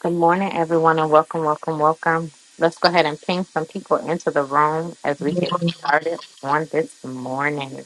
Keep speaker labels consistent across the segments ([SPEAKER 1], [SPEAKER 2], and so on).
[SPEAKER 1] Good morning, everyone, and welcome, welcome, welcome. Let's go ahead and ping some people into the room as we get started on this morning.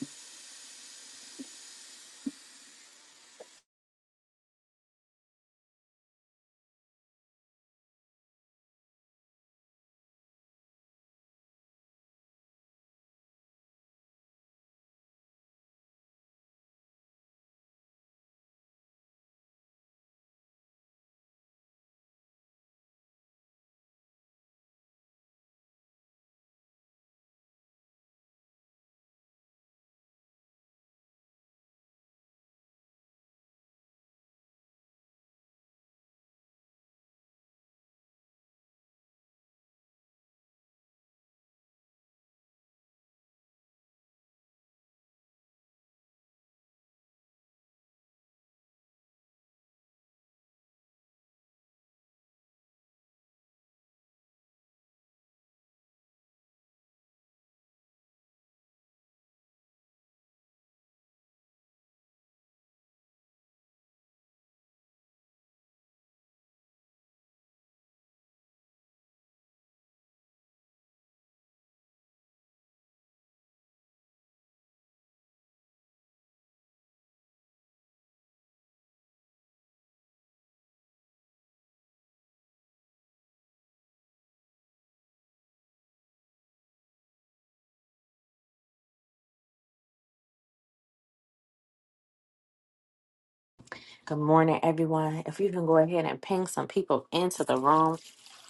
[SPEAKER 1] Good morning, everyone. If you can go ahead and ping some people into the room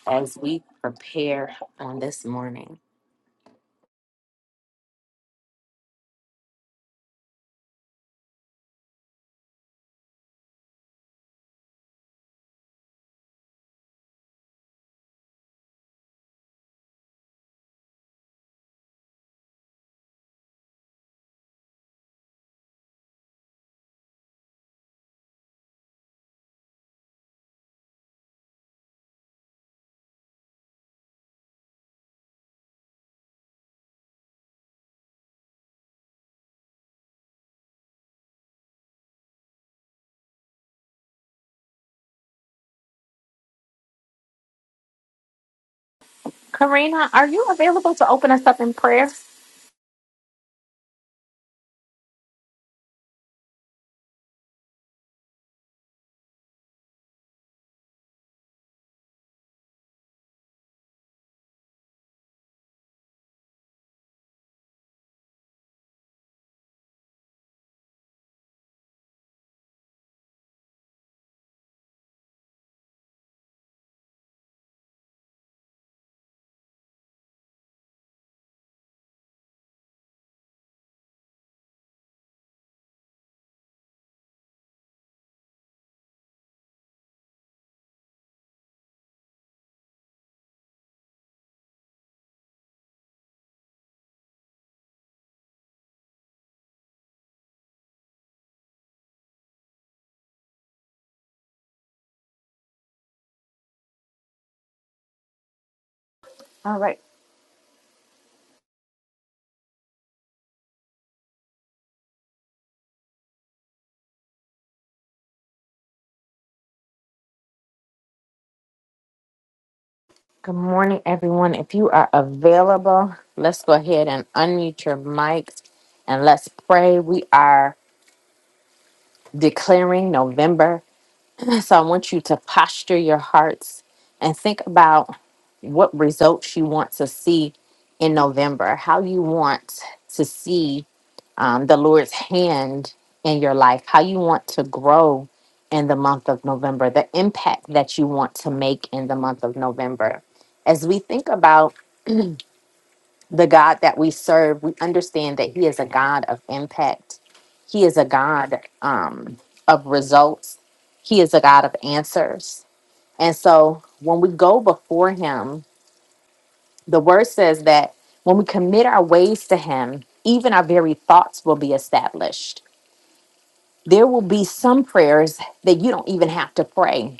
[SPEAKER 1] as we prepare on this morning. Karina, are you available to open us up in prayer? All right. Good morning, everyone. If you are available, let's go ahead and unmute your mics and let's pray. We are declaring November. So I want you to posture your hearts and think about what results you want to see in November, how you want to see um, the Lord's hand in your life, how you want to grow in the month of November, the impact that you want to make in the month of November. As we think about the God that we serve, we understand that He is a God of impact. He is a God um, of results. He is a God of answers. And so when we go before him, the word says that when we commit our ways to him, even our very thoughts will be established. There will be some prayers that you don't even have to pray.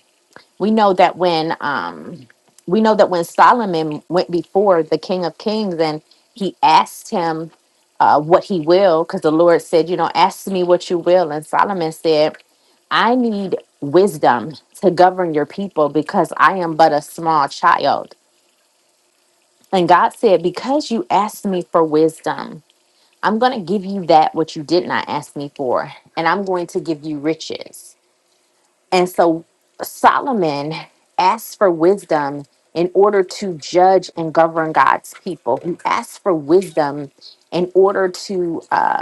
[SPEAKER 1] We know that when um we know that when Solomon went before the King of Kings and he asked him uh, what he will, because the Lord said, you know, ask me what you will. And Solomon said, I need wisdom to govern your people because I am but a small child. And God said, Because you asked me for wisdom, I'm going to give you that what you did not ask me for, and I'm going to give you riches. And so Solomon asked for wisdom in order to judge and govern God's people. He asked for wisdom in order to. uh,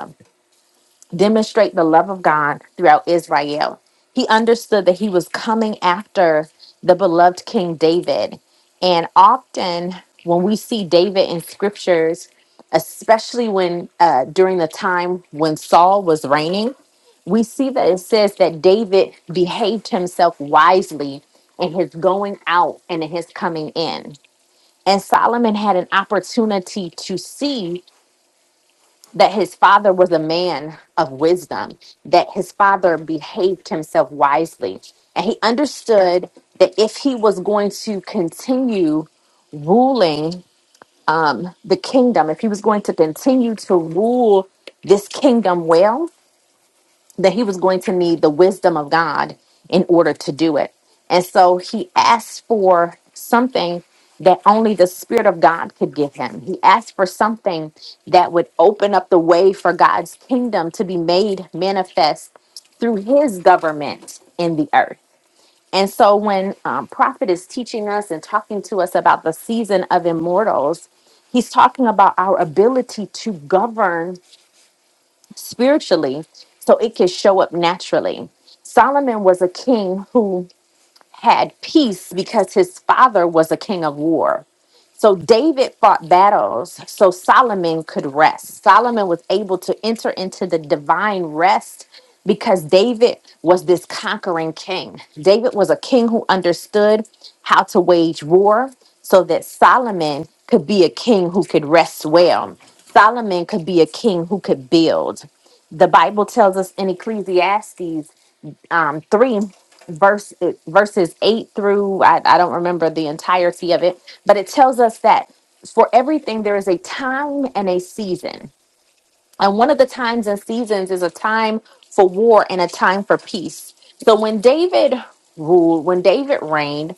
[SPEAKER 1] demonstrate the love of God throughout Israel. He understood that he was coming after the beloved King David. And often when we see David in scriptures, especially when uh, during the time when Saul was reigning, we see that it says that David behaved himself wisely in his going out and in his coming in. And Solomon had an opportunity to see that his father was a man of wisdom, that his father behaved himself wisely. And he understood that if he was going to continue ruling the kingdom, if he was going to continue to rule this kingdom well, that he was going to need the wisdom of God in order to do it. And so he asked for something that only the Spirit of God could give him. He asked for something that would open up the way for God's kingdom to be made manifest through his government in the earth. And so when um, Prophet is teaching us and talking to us about the season of immortals, he's talking about our ability to govern spiritually so it can show up naturally. Solomon was a king who had peace because his father was a king of war so David fought battles so Solomon could rest. Solomon was able to enter into the divine rest because David was this conquering king. David was a king who understood how to wage war so that Solomon could be a king who could rest well. Solomon could be a king who could build. The Bible tells us in Ecclesiastes um, 3 verse verses 8 through I, I don't remember the entirety of it but it tells us that for everything there is a time and a season and one of the times and seasons is a time for war and a time for peace so when david ruled when david reigned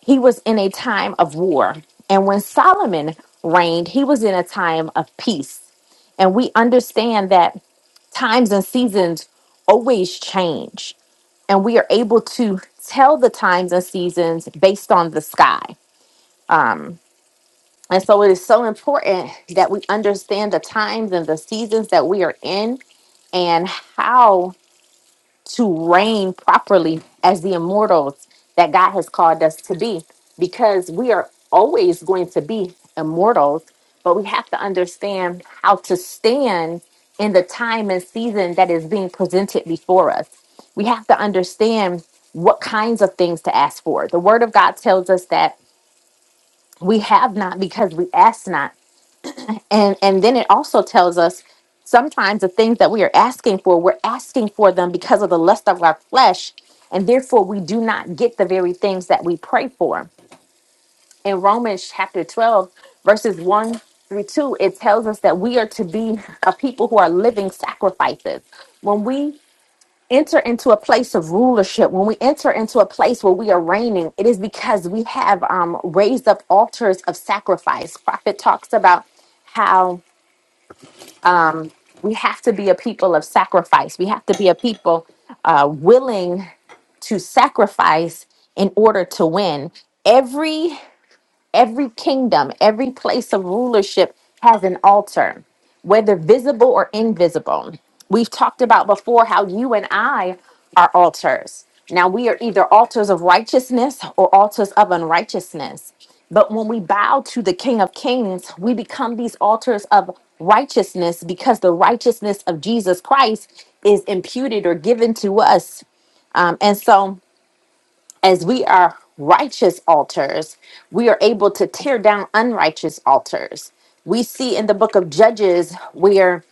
[SPEAKER 1] he was in a time of war and when solomon reigned he was in a time of peace and we understand that times and seasons always change, and we are able to tell the times and seasons based on the sky. And so it is so important that we understand the times and the seasons that we are in and how to reign properly as the immortals that God has called us to be because we are always going to be immortals, but we have to understand how to stand in the time and season that is being presented before us. We have to understand what kinds of things to ask for. The Word of God tells us that we have not because we ask not and and then it also tells us sometimes the things that we are asking for we're asking for them because of the lust of our flesh and therefore we do not get the very things that we pray for in romans chapter 12 verses 1 through 2 it tells us that we are to be a people who are living sacrifices when we enter into a place of rulership when we enter into a place where we are reigning it is because we have um, raised up altars of sacrifice prophet talks about how we have to be a people of sacrifice. We have to be a people uh, willing to sacrifice in order to win. Every Every kingdom, every place of rulership has an altar, whether visible or invisible. We've talked about before how you and I are altars. Now, we are either altars of righteousness or altars of unrighteousness. But when we bow to the King of Kings, we become these altars of righteousness because the righteousness of Jesus Christ is imputed or given to us. Um, and so, as we are righteous altars, we are able to tear down unrighteous altars. We see in the book of Judges where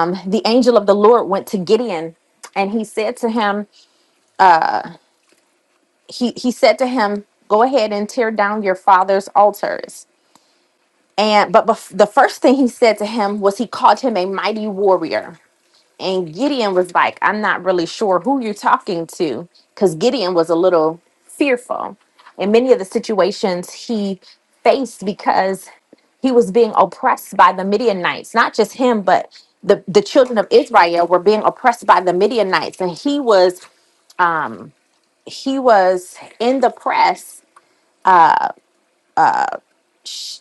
[SPEAKER 1] um, the angel of the Lord went to Gideon and he said to him, he, he said to him, go ahead and tear down your father's altars. And but bef- the first thing he said to him was he called him a mighty warrior And Gideon was like, I'm not really sure who you're talking to, because Gideon was a little fearful in many of the situations he faced because he was being oppressed by the Midianites, not just him, but the, the children of Israel were being oppressed by the Midianites. And he was he was in the press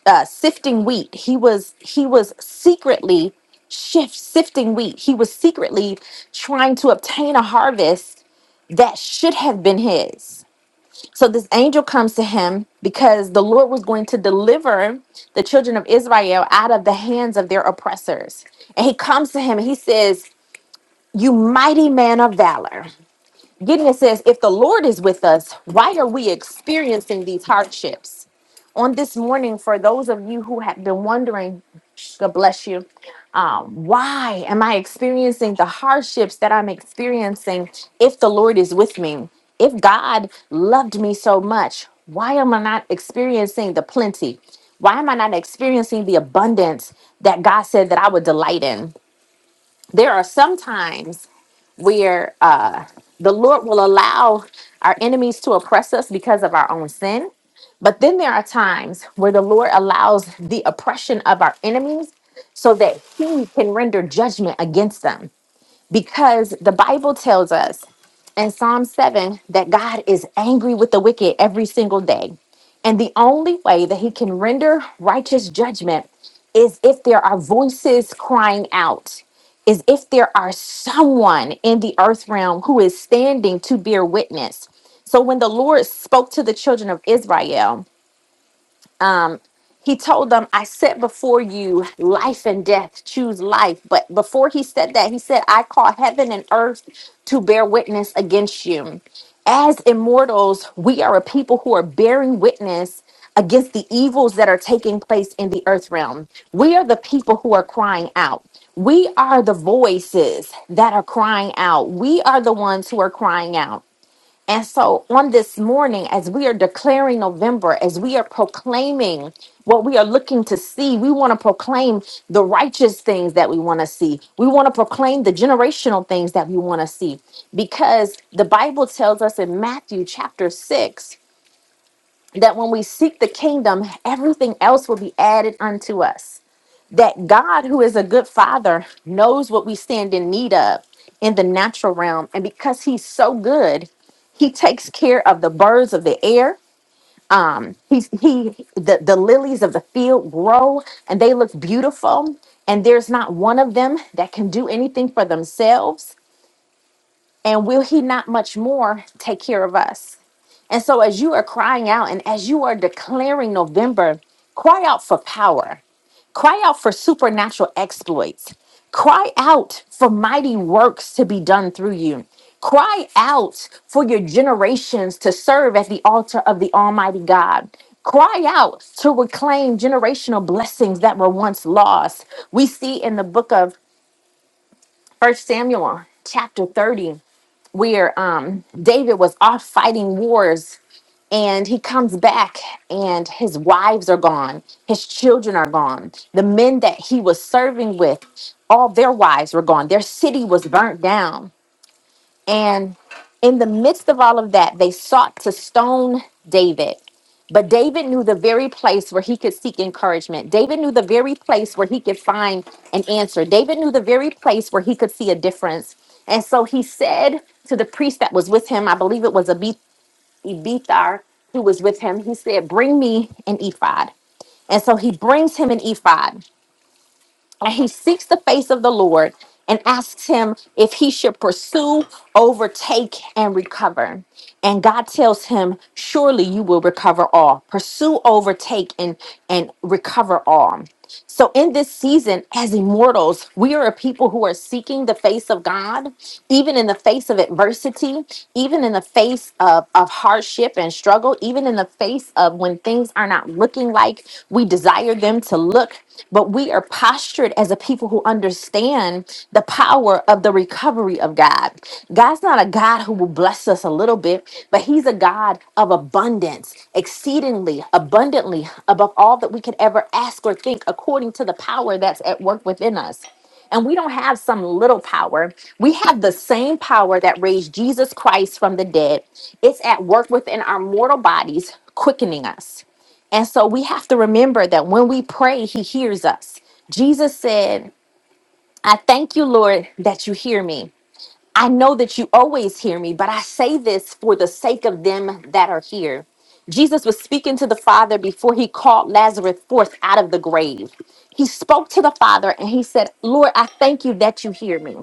[SPEAKER 1] uh, sifting wheat. He was he was secretly shift sifting wheat. He was secretly trying to obtain a harvest that should have been his. So this angel comes to him because the Lord was going to deliver the children of Israel out of the hands of their oppressors. And he comes to him and he says, "You mighty man of valor." Gideon says, If the Lord is with us, why are we experiencing these hardships? On this morning, for those of you who have been wondering, God bless you, um, why am I experiencing the hardships that I'm experiencing if the Lord is with me? If God loved me so much, why am I not experiencing the plenty? Why am I not experiencing the abundance that God said that I would delight in? There are sometimes where uh, the Lord will allow our enemies to oppress us because of our own sin. But then there are times where the Lord allows the oppression of our enemies so that he can render judgment against them because the Bible tells us in Psalm 7 that God is angry with the wicked every single day. And the only way that he can render righteous judgment is if there are voices crying out, is if there are someone in the earth realm who is standing to bear witness. So when the Lord spoke to the children of Israel, he told them, I set before you life and death, choose life. But before he said that, he said, I call heaven and earth to bear witness against you. As immortals, we are a people who are bearing witness against the evils that are taking place in the earth realm. We are the people who are crying out. We are the voices that are crying out. We are the ones who are crying out. And so on this morning, as we are declaring November, as we are proclaiming what we are looking to see, we want to proclaim the righteous things that we want to see. We want to proclaim the generational things that we want to see. Because the Bible tells us in Matthew chapter 6 that when we seek the kingdom, everything else will be added unto us that God, who is a good father, knows what we stand in need of in the natural realm. And because he's so good, he takes care of the birds of the air. Um, he's he the, the lilies of the field grow and they look beautiful. And there's not one of them that can do anything for themselves. And will he not much more take care of us? And so, as you are crying out and as you are declaring November, cry out for power, cry out for supernatural exploits, cry out for mighty works to be done through you, cry out for your generations to serve at the altar of the Almighty God. Cry out to reclaim generational blessings that were once lost. We see in the book of First Samuel, chapter 30, where um David was off fighting wars and he comes back and his wives are gone, his children are gone. The men that he was serving with, all their wives were gone. Their city was burnt down and in the midst of all of that, they sought to stone David. But David knew the very place where he could seek encouragement. David knew the very place where he could find an answer. David knew the very place where he could see a difference. And so he said to the priest that was with him, I believe it was Abi- Abithar who was with him, he said, Bring me an ephod. And so he brings him an ephod and he seeks the face of the Lord and asks him if he should pursue, overtake, and recover. And God tells him, Surely you will recover all. Pursue, overtake, and, and recover all. So, in this season, as immortals, we are a people who are seeking the face of God, even in the face of adversity, even in the face of, of hardship and struggle, even in the face of when things are not looking like we desire them them to look, but we are postured as a people who understand the power of the recovery of God. God's not a God who will bless us a little bit, but He's a God of abundance, exceedingly, abundantly, above all that we could ever ask or think, according to the power that's at work within us. And we don't have some little power. We have the same power that raised Jesus Christ from the dead. It's at work within our mortal bodies, quickening us. And so we have to remember that when we pray, he hears us. Jesus said, I thank you, Lord, that you hear me. I know that you always hear me, but I say this for the sake of them that are here. Jesus was speaking to the Father before he called Lazarus forth out of the grave. He spoke to the Father and he said, Lord, I thank you that you hear me.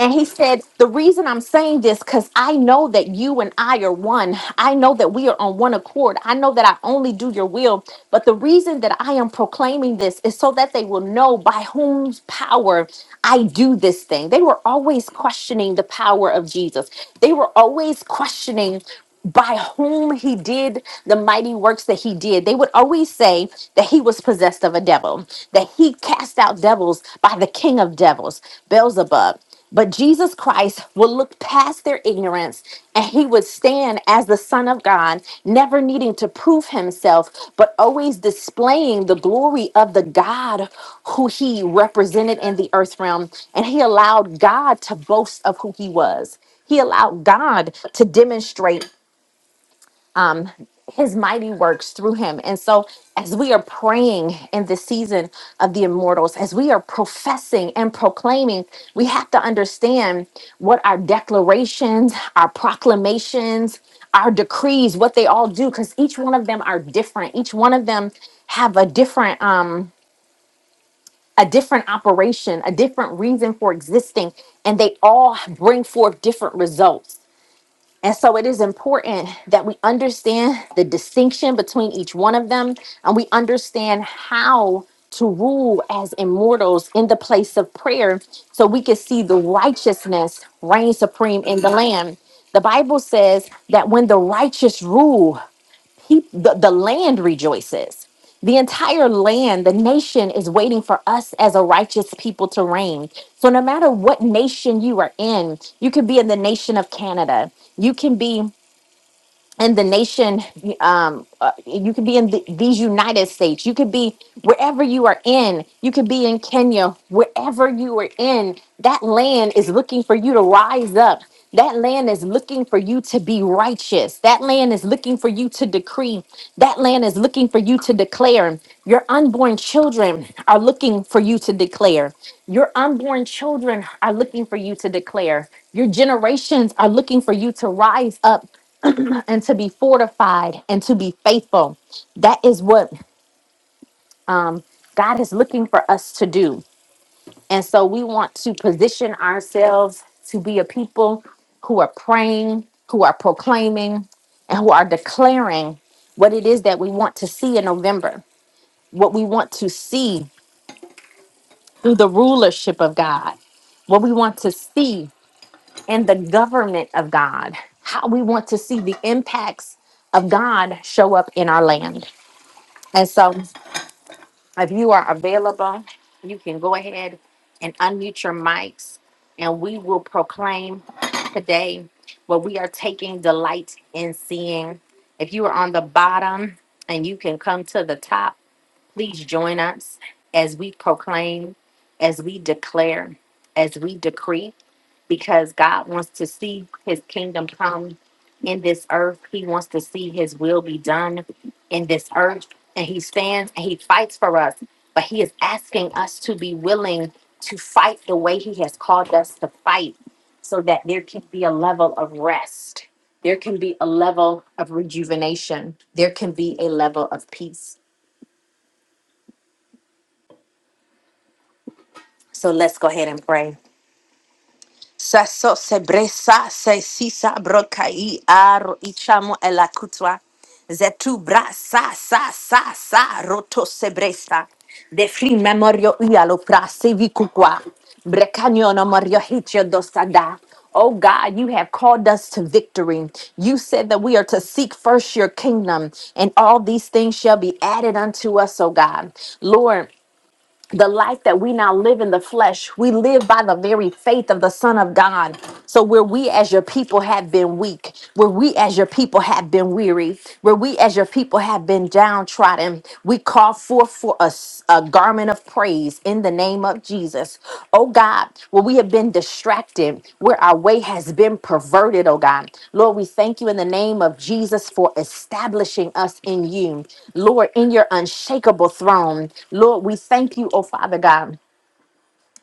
[SPEAKER 1] And he said, The reason I'm saying this, because I know that you and I are one. I know that we are on one accord. I know that I only do your will. But the reason that I am proclaiming this is so that they will know by whose power I do this thing. They were always questioning the power of Jesus, they were always questioning by whom he did the mighty works that he did. They would always say that he was possessed of a devil, that he cast out devils by the king of devils, Beelzebub. But Jesus Christ will look past their ignorance and he would stand as the Son of God, never needing to prove himself, but always displaying the glory of the God who he represented in the earth realm. And he allowed God to boast of who he was. He allowed God to demonstrate um, his mighty works through him. And so, as we are praying in the season of the immortals, as we are professing and proclaiming, we have to understand what our declarations, our proclamations, our decrees, what they all do, because each one of them are different. Each one of them have a different um a different operation, a different reason for existing, and they all bring forth different results. And so it is important that we understand the distinction between each one of them and we understand how to rule as immortals in the place of prayer so we can see the righteousness reign supreme in the land. The Bible says that when the righteous rule, peop- the, the land rejoices. The entire land, the nation is waiting for us as a righteous people to reign. So, no matter what nation you are in, you could be in the nation of Canada. You can be and the nation um uh, you could be in the, these united states you could be wherever you are in you could be in kenya wherever you are in that land is looking for you to rise up that land is looking for you to be righteous that land is looking for you to decree that land is looking for you to declare your unborn children are looking for you to declare your unborn children are looking for you to declare your generations are looking for you to rise up and to be fortified and to be faithful. That is what um, God is looking for us to do. And so we want to position ourselves to be a people who are praying, who are proclaiming, and who are declaring what it is that we want to see in November, what we want to see through the rulership of God, what we want to see in the government of God, how we want to see the impacts of God show up in our land. And so If you are available, you can go ahead and unmute your mics and we will proclaim today what we are taking delight in seeing. If you are on the bottom and you can come to the top, please join us as we proclaim, as we declare, as we decree because God wants to see his kingdom come in this earth. He wants to see his will be done in this earth. And he stands and he fights for us, but he is asking us to be willing to fight the way he has called us to fight so that there can be a level of rest. There can be a level of rejuvenation. There can be a level of peace. So let's go ahead and pray. Sasso se se sisa brokai aro ichamo ela Zetu bra sa sa sa sa roto se De free memorio ialo pra se vikukwa. Brekanyono morio hitio dosada. Oh God, you have called us to victory. You said that we are to seek first your kingdom, and all these things shall be added unto us, oh God. Lord, the life that we now live in the flesh, we live by the very faith of the Son of God. So, where we as your people have been weak, where we as your people have been weary, where we as your people have been downtrodden, we call forth for us a garment of praise in the name of Jesus. Oh God, where we have been distracted, where our way has been perverted, oh God. Lord, we thank you in the name of Jesus for establishing us in you. Lord, in your unshakable throne. Lord, we thank you, oh Father God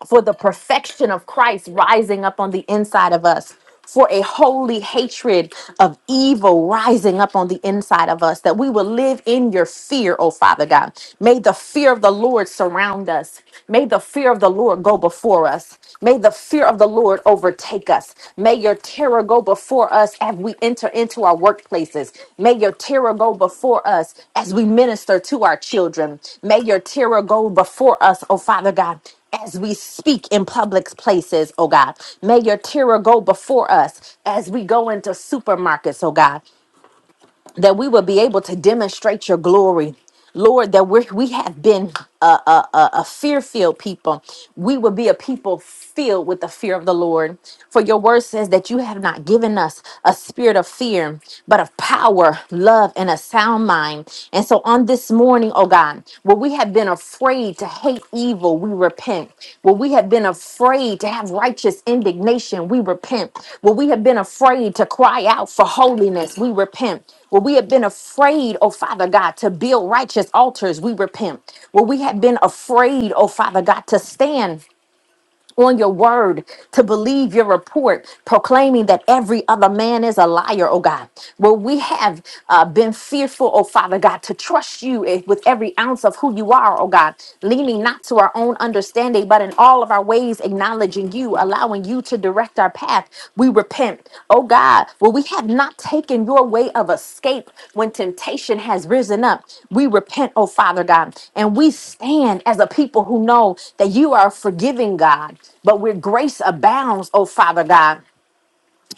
[SPEAKER 1] for the perfection of Christ rising up on the inside of us, for a holy hatred of evil rising up on the inside of us, that we will live in your fear, oh Father God. May the fear of the Lord surround us. May the fear of the Lord go before us. May the fear of the Lord overtake us. May your terror go before us as we enter into our workplaces. May your terror go before us as we minister to our children. May your terror go before us, oh Father God, as we speak in public places, oh God. May your terror go before us as we go into supermarkets, oh God, that we will be able to demonstrate your glory. Lord, that we're, we have been a, a, a, a fear filled people. We will be a people filled with the fear of the Lord. For your word says that you have not given us a spirit of fear, but of power, love, and a sound mind. And so on this morning, oh God, where we have been afraid to hate evil, we repent. Where we have been afraid to have righteous indignation, we repent. Where we have been afraid to cry out for holiness, we repent. Where we have been afraid, oh Father God, to build righteous altars, we repent. Where we have been afraid, oh Father God, to stand on your word, to believe your report, proclaiming that every other man is a liar, oh God. Well, we have uh, been fearful, oh Father God, to trust you eh, with every ounce of who you are, oh God, leaning not to our own understanding, but in all of our ways acknowledging you, allowing allowing you to direct our path. We repent. Oh God, where we have not taken your way of escape when temptation has risen up. We repent, oh Father God, and we stand as a people who know that you are a forgiving God, but where grace abounds, oh Father God.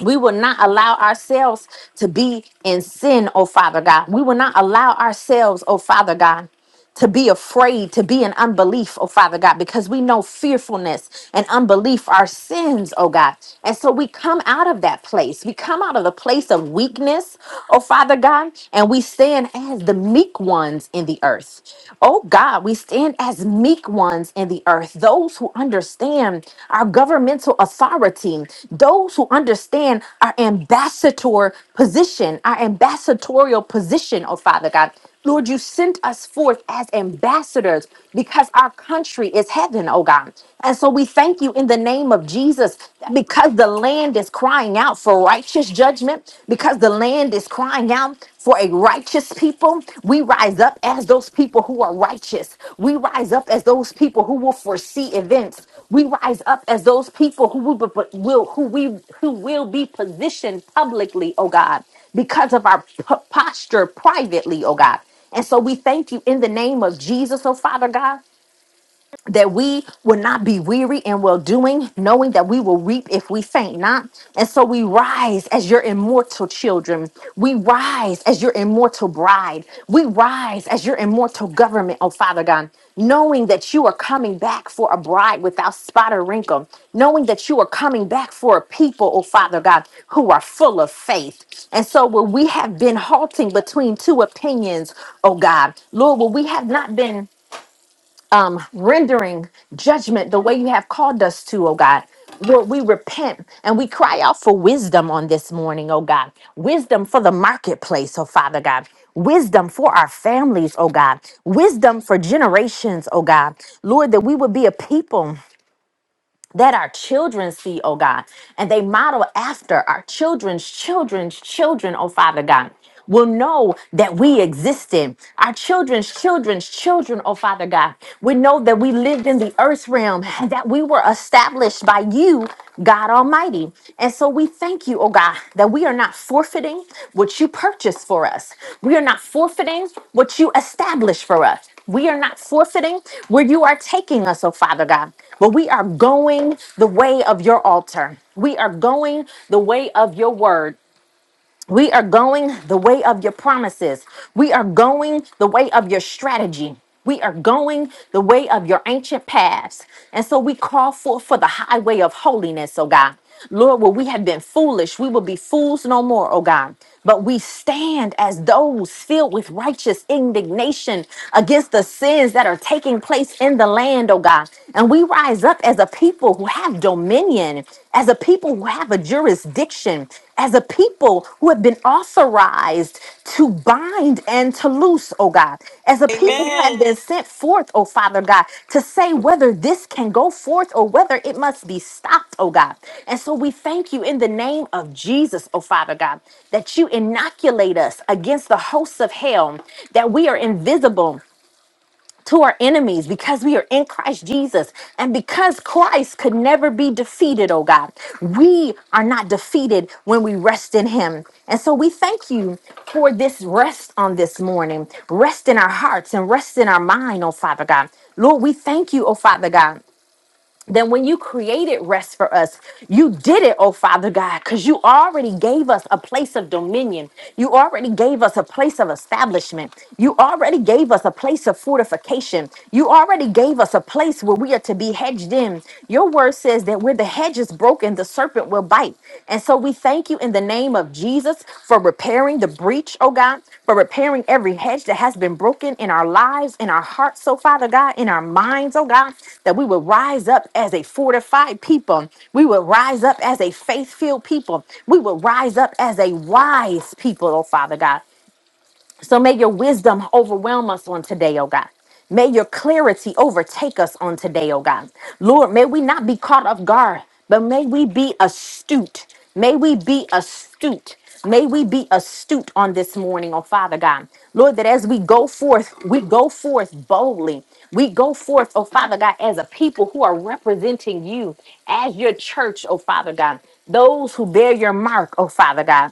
[SPEAKER 1] We will not allow ourselves to be in sin, oh Father God. We will not allow ourselves, oh Father God, to be afraid, to be in unbelief, oh Father God, because we know fearfulness and unbelief are sins, oh God. And so we come out of that place. We come out of the place of weakness, oh Father God, and we stand as the meek ones in the earth. Oh God, we stand as meek ones in the earth, those who understand our governmental authority, those who understand our ambassador position, our ambassadorial position, oh Father God. Lord, you sent us forth as ambassadors because our country is heaven, oh God. And so we thank you in the name of Jesus that because the land is crying out for righteousness righteous judgment because the land is crying out for a righteous people. We rise up as those people who are righteous. We rise up as those people who will foresee events. We rise up as those people who will, will who we who will be positioned publicly, oh God, because of our p- posture privately, oh God. And so we thank you in the name of Jesus, oh Father God that we will not be weary in well doing, knowing that we will reap if we faint not. And so we rise as your immortal children. We rise as your immortal bride. We rise as your immortal government, oh Father God, knowing that you are coming back for a bride without spot or wrinkle, knowing that you are coming back for a people, oh Father God, who are full of faith. And so where we have been halting between two opinions, oh God, Lord, where we have not been um, rendering judgment the way you have called us to, oh God. Lord, we repent and we cry out for wisdom on this morning, oh God. Wisdom for the marketplace, oh Father God. Wisdom for our families, oh God. Wisdom for generations, oh God. Lord, that we would be a people that our children see, oh God, and they model after our children's children's children, oh Father God, will know that we existed. Our children's children's children, oh Father God, we know that we lived in the earth realm and that we were established by you, God Almighty. And so we thank you, oh God, that we are not forfeiting what you purchased for us. We are not forfeiting what you established for us. We are not forfeiting where you are taking us, oh Father God, but we are going the way of your altar. We are going the way of your word. We are going the way of your promises. We are going the way of your strategy. We are going the way of your ancient paths. And so we call forth for the highway of holiness, oh God. Lord, where we have been foolish, we will be fools no more, oh God. But we stand as those filled with righteous indignation against the sins that are taking place in the land, oh God. And we rise up as a people who have dominion, as a people who have a jurisdiction, as a people who have been authorized to bind and to loose, oh God, as a people who have
[SPEAKER 2] Amen.
[SPEAKER 1] been Amen. sent forth, oh Father God, to say whether this can go forth or whether it must be stopped, oh God. And so we thank you in the name of Jesus, oh Father God, that you inoculate us against the hosts of hell, that we are invisible to our enemies because we are in Christ Jesus. And because Christ could never be defeated, oh God, we are not defeated when we rest in Him. And so we thank you for this rest on this morning, rest in our hearts and rest in our mind, oh Father God. Lord, we thank you, oh Father God then when you created rest for us, you did it, oh Father God, because you already gave us a place of dominion. You already gave us a place of establishment. You already gave us a place of fortification. You already gave us a place where we are to be hedged in. Your word says that where the hedge is broken, the serpent will bite. And so we thank you in the name of Jesus for repairing the breach, oh God, for repairing every hedge that has been broken in our lives, in our hearts, so Father God, in our minds, oh God, that we would rise up as a fortified people. We would rise up as a faith filled people. We would rise up as a wise people, oh Father God. So may your wisdom overwhelm us on today, oh God. May your clarity overtake us on today, oh God. Lord, may we not be caught off guard, but may we be astute. May we be astute. May we be astute on this morning, oh Father God. Lord, that as we go forth, we go forth boldly. We go forth, oh Father God, as a people who are representing you as your church, oh Father God. Those who bear your mark, oh Father God.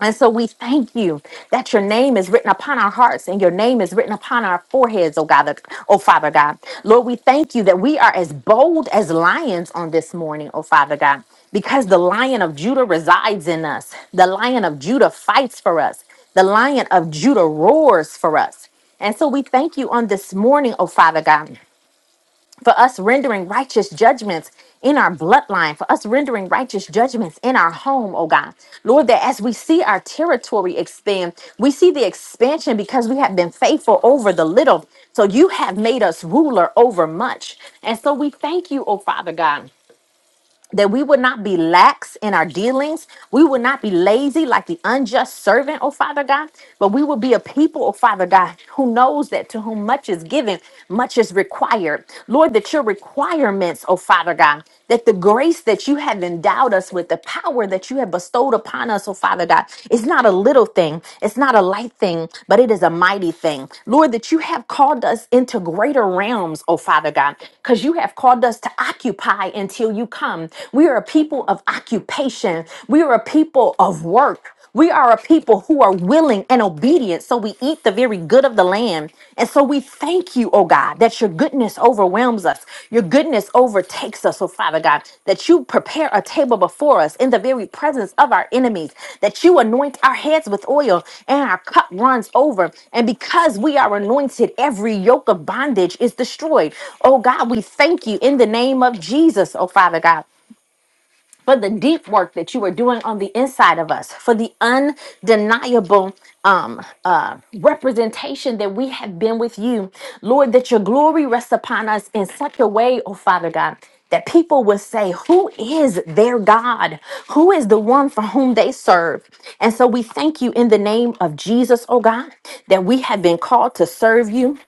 [SPEAKER 1] And so we thank you that your name is written upon our hearts and your name is written upon our foreheads, oh God, that- oh Father God. Lord, we thank you that we are as bold as lions on this morning, oh Father God, because the lion of Judah resides in us. The lion of Judah fights for us. The lion of Judah roars for us. And so we thank you on this morning, oh Father God for us rendering righteous judgments in our bloodline, for us rendering righteous judgments in our home, oh God. Lord, that as we see our territory expand, we see the expansion because we have been faithful over the little. So you have made us ruler over much. And so we thank you, oh Father God that we would not be lax in our dealings. We would not be lazy like the unjust servant, oh Father God, but we would be a people, oh Father God, who knows that to whom much is given, much is required. Lord, that your requirements, oh Father God, that the grace that you have endowed us with, the power that you have bestowed upon us, oh Father God, is not a little thing, it's not a light thing, but it is a mighty thing. Lord, that you have called us into greater realms, oh Father God, because you have called us to occupy until you come occupation. We are a people of occupation. We are a people of work. We are a people who are willing and obedient, so we eat the very good of the land. And so we thank you, oh God, that your goodness overwhelms us. Your goodness overtakes us, oh Father God, that you prepare a table before us in the very presence of our enemies, that you anoint our heads with oil and our cup runs over. And because we are anointed, every yoke of bondage is destroyed. Oh God, we thank you in the name of Jesus, oh Father God for the deep work that you are doing on the inside of us, for the undeniable um, uh, representation that we have been with you, Lord, that your glory rests upon us in such a way, oh Father God. That people will say, Who is their God? Who is the one for whom they serve? And so we thank you in the name of Jesus, oh God, that we have been called to serve you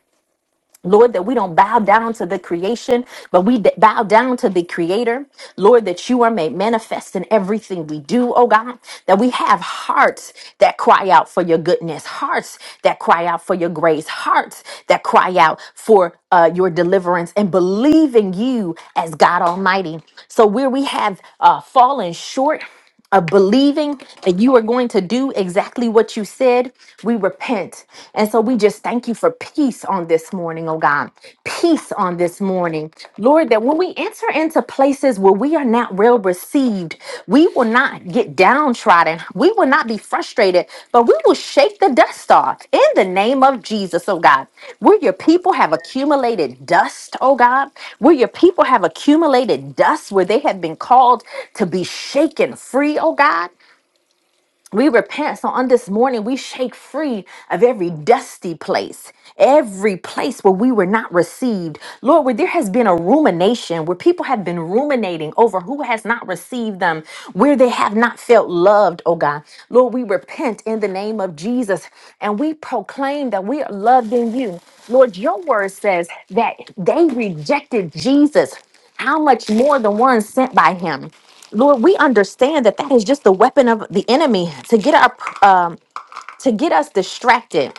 [SPEAKER 1] Lord, that we don't bow down to the creation, but we d- bow down to the creator. Lord, that you are made manifest in everything we do, oh God, that we have hearts that cry out for your goodness, hearts that cry out for your grace, hearts that cry out for uh, your deliverance and believe in you as God Almighty. So, where we have uh, fallen short, of believing that you are going to do exactly what you said, we repent. And so we just thank you for peace on this morning, oh God. Peace on this morning. Lord, that when we enter into places where we are not well received, we will not get get downtrodden. We will not be frustrated, but we will shake the dust off in the name of Jesus, oh God. Where your people have accumulated dust, oh God. Where your people have accumulated dust, where they have been called to be shaken free, oh God. We repent. So on this morning, we shake free of every dusty place, every place where we were not received. Lord, where there has been a rumination, where people have been ruminating over who has not received them, where they have not felt loved, oh God. Lord, we repent in the name of Jesus and we proclaim that we are loved in you. Lord, your word says that they rejected Jesus how much more the one sent by him lord we understand that that is just the weapon of the enemy to get our um to get us distracted